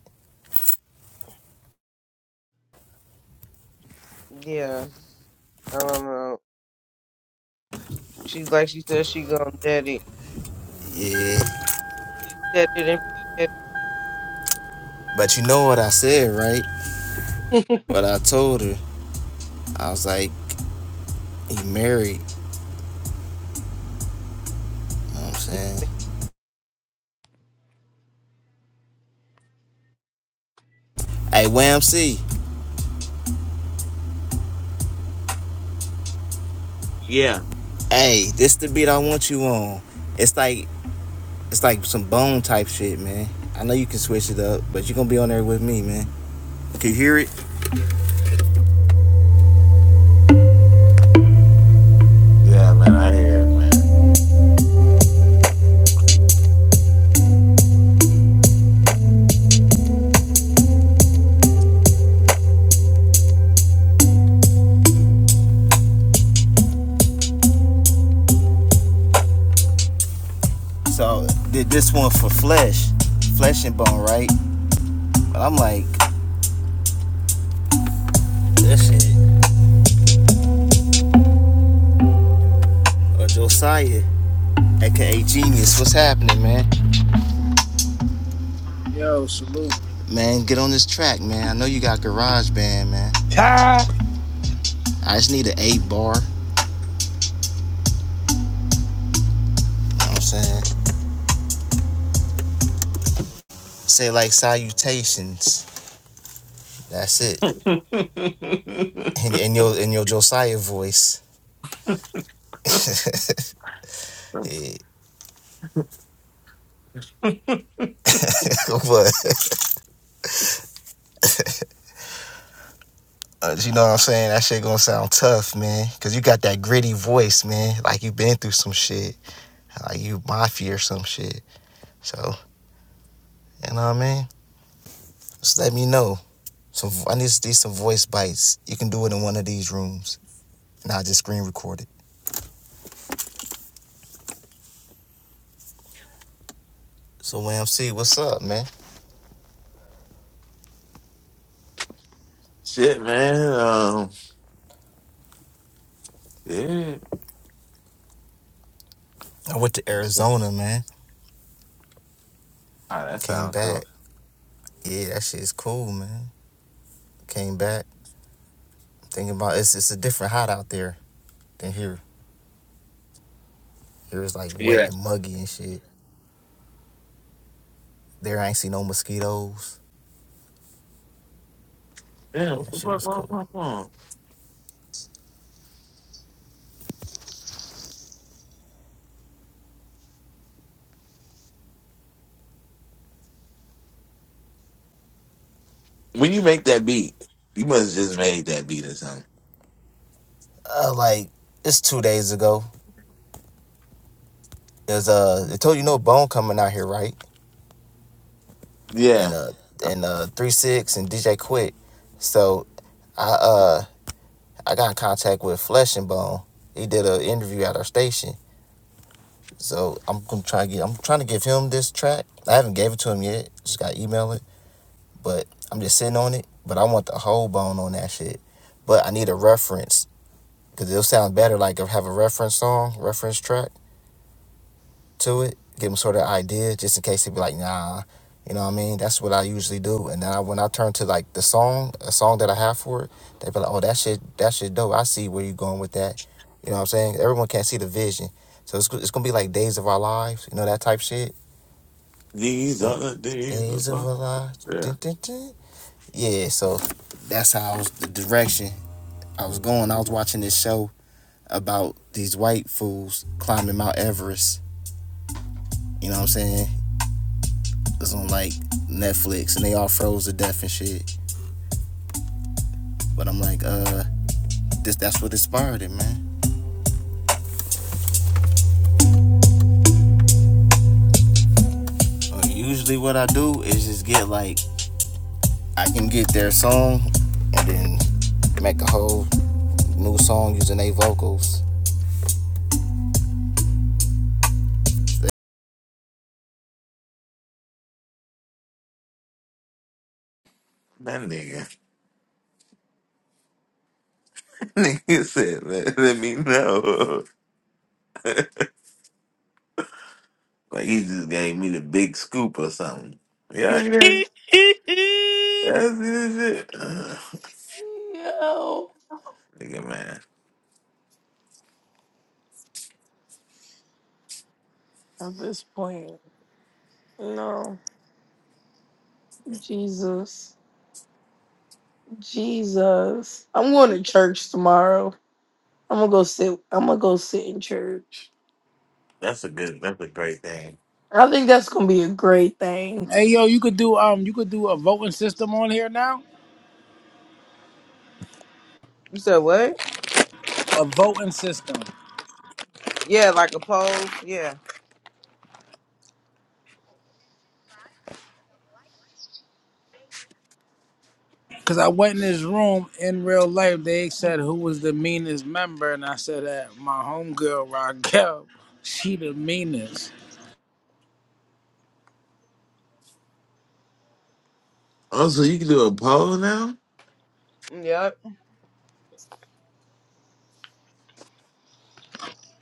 [SPEAKER 1] Yeah. I don't know. She like she said she gonna dead it.
[SPEAKER 8] Yeah,
[SPEAKER 1] said it and forget
[SPEAKER 8] but you know what I said, right? What I told her, I was like, He married, you know what I'm
[SPEAKER 1] it.
[SPEAKER 8] saying? Hey, Wham C,
[SPEAKER 4] Yeah.
[SPEAKER 8] hey, this the beat I want you on. It's like it's like some bone type shit, man. I know you can switch it up, but you are gonna be on there with me, man. Can you hear it?
[SPEAKER 4] Yeah, man, I hear it, man.
[SPEAKER 8] So did this one for flesh, flesh and bone, right? But I'm like, that shit, or Josiah, aka Genius, what's happening, man?
[SPEAKER 3] yo, salute.
[SPEAKER 8] Man, get on this track, man. I know you got garage band, man.
[SPEAKER 3] Ha!
[SPEAKER 8] I just need an eight bar. You know what I'm saying? Say like salutations. That's it. in, in your in your Josiah voice. Yeah. but uh, you know what I'm saying? That shit gonna sound tough, man. Cause you got that gritty voice, man. Like you been through some shit. Like you mafia or some shit. So, you know what I mean? Just let me know. So I need to do some voice bites. You can do it in one of these rooms. And I just screen record it. So YMC, what's up, man?
[SPEAKER 4] shit, man. Um, yeah.
[SPEAKER 8] I went to
[SPEAKER 4] Oh,
[SPEAKER 8] Arizona, man.
[SPEAKER 4] that
[SPEAKER 8] Came
[SPEAKER 4] sound
[SPEAKER 8] back.
[SPEAKER 4] cool.
[SPEAKER 8] Yeah, that shit's cool, man. Came back. Thinking about it's it's a different hot out there than here. It was like wet
[SPEAKER 4] Yeah.
[SPEAKER 8] and muggy and shit. There I ain't see no mosquitoes.
[SPEAKER 4] Yeah. what
[SPEAKER 8] Man,
[SPEAKER 4] the
[SPEAKER 8] shit
[SPEAKER 4] fuck,
[SPEAKER 8] was
[SPEAKER 4] what-
[SPEAKER 8] cool.
[SPEAKER 4] what- what? When you make that beat, you must have just made that beat or something.
[SPEAKER 8] Uh, like it's two days ago. There's uh, it told you no bone coming out here, right? And
[SPEAKER 4] Yeah.
[SPEAKER 8] uh, and uh, three six and DJ Quick. So I uh, I got in contact with Flesh and Bone. He did an interview at our station. So I'm gonna try to get. I'm trying to give him this track. I haven't gave it to him yet. Just got to email it, but I'm just sitting on it. But I want the whole bone on that shit. But I need a reference Because it'll sound better, like, if have a reference song, reference track to it, give them sort of idea, just in case they be like, nah, you know what I mean? That's what I usually do. And then I, when I turn to, like, the song, a song that I have for it, they be like, oh, that shit, that shit dope. I see where you are going with that. You know what I'm saying? Everyone can't see the vision. So it's, it's going to be like Days of Our Lives, you know, that type shit.
[SPEAKER 4] These are
[SPEAKER 8] Mm.
[SPEAKER 4] the days of
[SPEAKER 8] Days of
[SPEAKER 4] my-
[SPEAKER 8] Our Lives.
[SPEAKER 4] Yeah.
[SPEAKER 8] Dun, dun, dun. Yeah, so that's how I was, the direction I was going. I was watching this show about these white fools climbing Mount Everest. You know what I'm saying? It's on like Netflix, and they all froze to death and shit. But I'm like, uh, this that's what inspired it, man. So usually, what I do is just get like I can get their song, and then make a whole new song using their vocals.
[SPEAKER 4] That nigga. nigga said, let, let me know. Like he just gave me the big scoop or something. Yeah, yeah, that's this shit. Ugh,
[SPEAKER 7] no.
[SPEAKER 4] nigga, man,
[SPEAKER 7] At this point, no. Jesus. Jesus. I'm going to church tomorrow. I'm gonna go sit I'm gonna go sit in church.
[SPEAKER 4] that's a good, that's a great thing.
[SPEAKER 7] I think that's gonna be a great thing.
[SPEAKER 3] Hey, yo, you could do um, you could do a voting system on here now.
[SPEAKER 1] You said what?
[SPEAKER 3] A voting system.
[SPEAKER 1] Yeah, like a pole. Yeah.
[SPEAKER 3] Cause I went in his room in real life. They said who was the meanest member, and I said that my homegirl Raquel, she the meanest.
[SPEAKER 4] Also, you can do a poll now.
[SPEAKER 1] Yep.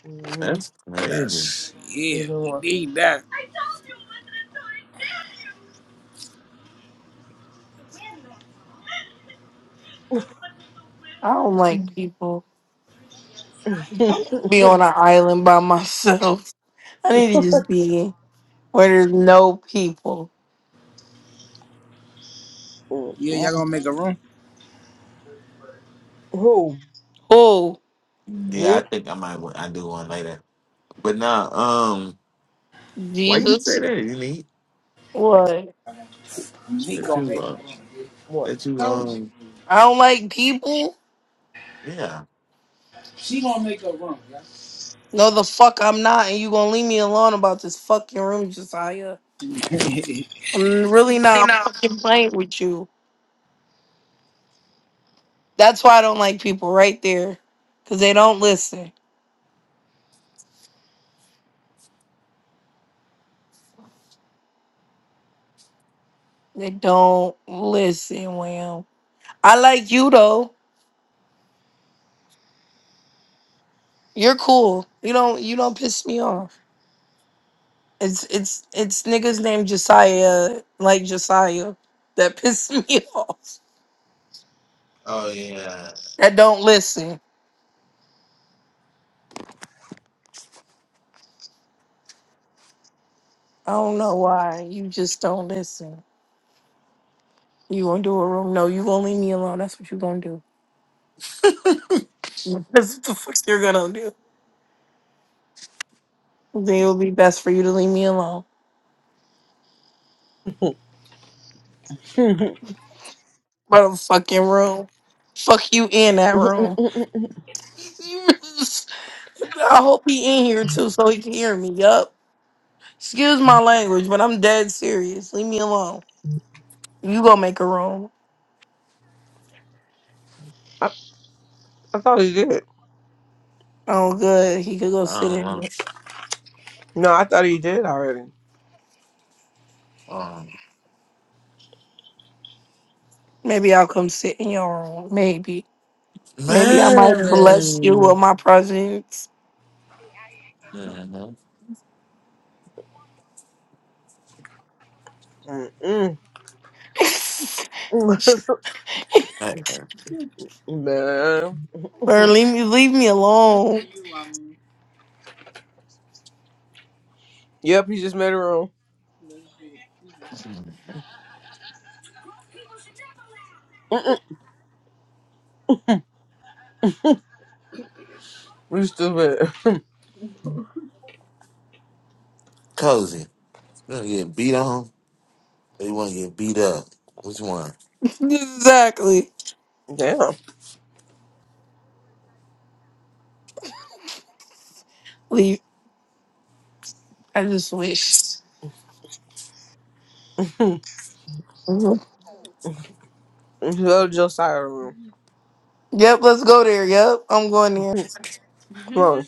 [SPEAKER 1] Mm-hmm.
[SPEAKER 4] That's crazy.
[SPEAKER 3] That's yeah,
[SPEAKER 1] Either
[SPEAKER 3] we
[SPEAKER 1] one.
[SPEAKER 3] need that.
[SPEAKER 7] I don't like people. I need to be on an island by myself. I need to just be where there's no people.
[SPEAKER 3] Yeah, y'all
[SPEAKER 1] mm
[SPEAKER 3] gonna make a room?
[SPEAKER 1] Who?
[SPEAKER 7] Who?
[SPEAKER 4] Yeah,
[SPEAKER 1] Me?
[SPEAKER 4] I think I might. wa- I do one later. But nah, um, why you say
[SPEAKER 7] Jesus?
[SPEAKER 4] that? You need
[SPEAKER 7] What?
[SPEAKER 3] She
[SPEAKER 4] that
[SPEAKER 3] gonna
[SPEAKER 4] you
[SPEAKER 3] make a
[SPEAKER 4] uh
[SPEAKER 3] room.
[SPEAKER 1] What?
[SPEAKER 4] that you
[SPEAKER 3] Told you,
[SPEAKER 4] um
[SPEAKER 7] I don't like people?
[SPEAKER 4] yeah.
[SPEAKER 3] she gonna make a room.
[SPEAKER 7] No the fuck I'm not and you gonna leave me alone about this fucking room, Josiah.
[SPEAKER 3] Yeah.
[SPEAKER 7] I'm really
[SPEAKER 4] You
[SPEAKER 7] not
[SPEAKER 4] know.
[SPEAKER 7] fucking playing with you. That's why I don't like people right there. Cause they don't listen. They don't listen, Wham. I like you though. You're cool. You don't you don't piss me off. It's it's it's niggas named Josiah like Josiah that piss me off.
[SPEAKER 4] Oh yeah.
[SPEAKER 7] That don't listen. I don't know why. You just don't listen. You gonna do a room? No, you gonna leave me alone. That's what you gonna do. That's what the fuck you're gonna do. Then it'll be best for you to leave me alone. But a fucking room. Fuck you in that room.
[SPEAKER 1] I,
[SPEAKER 7] I hope he in here too so he can hear me. Yup. Excuse my language, but I'm dead serious. Leave me alone. You gonna make a room.
[SPEAKER 1] I thought he did.
[SPEAKER 7] Oh good. He could go sit
[SPEAKER 4] Um
[SPEAKER 7] in
[SPEAKER 4] um
[SPEAKER 7] it.
[SPEAKER 1] No, I thought he did already.
[SPEAKER 4] um,
[SPEAKER 7] Maybe I'll come sit in your room. Maybe. Maybe I might bless you with
[SPEAKER 4] man.
[SPEAKER 7] my presence.
[SPEAKER 4] hmm
[SPEAKER 1] Mm-mm.
[SPEAKER 4] Hey, hey,
[SPEAKER 1] Man.
[SPEAKER 7] or leave me leave me alone.
[SPEAKER 1] Yep, he just made a room. Mm-mm. You stupid.
[SPEAKER 4] cozy. Gonna get beat on. They want to get beat up. Which one?
[SPEAKER 7] exactly.
[SPEAKER 1] Damn.
[SPEAKER 7] Leave I just wish. Mhm.
[SPEAKER 1] Hello, Josiah room.
[SPEAKER 7] Yep, let's go there. Yep. I'm going there.
[SPEAKER 1] Come on.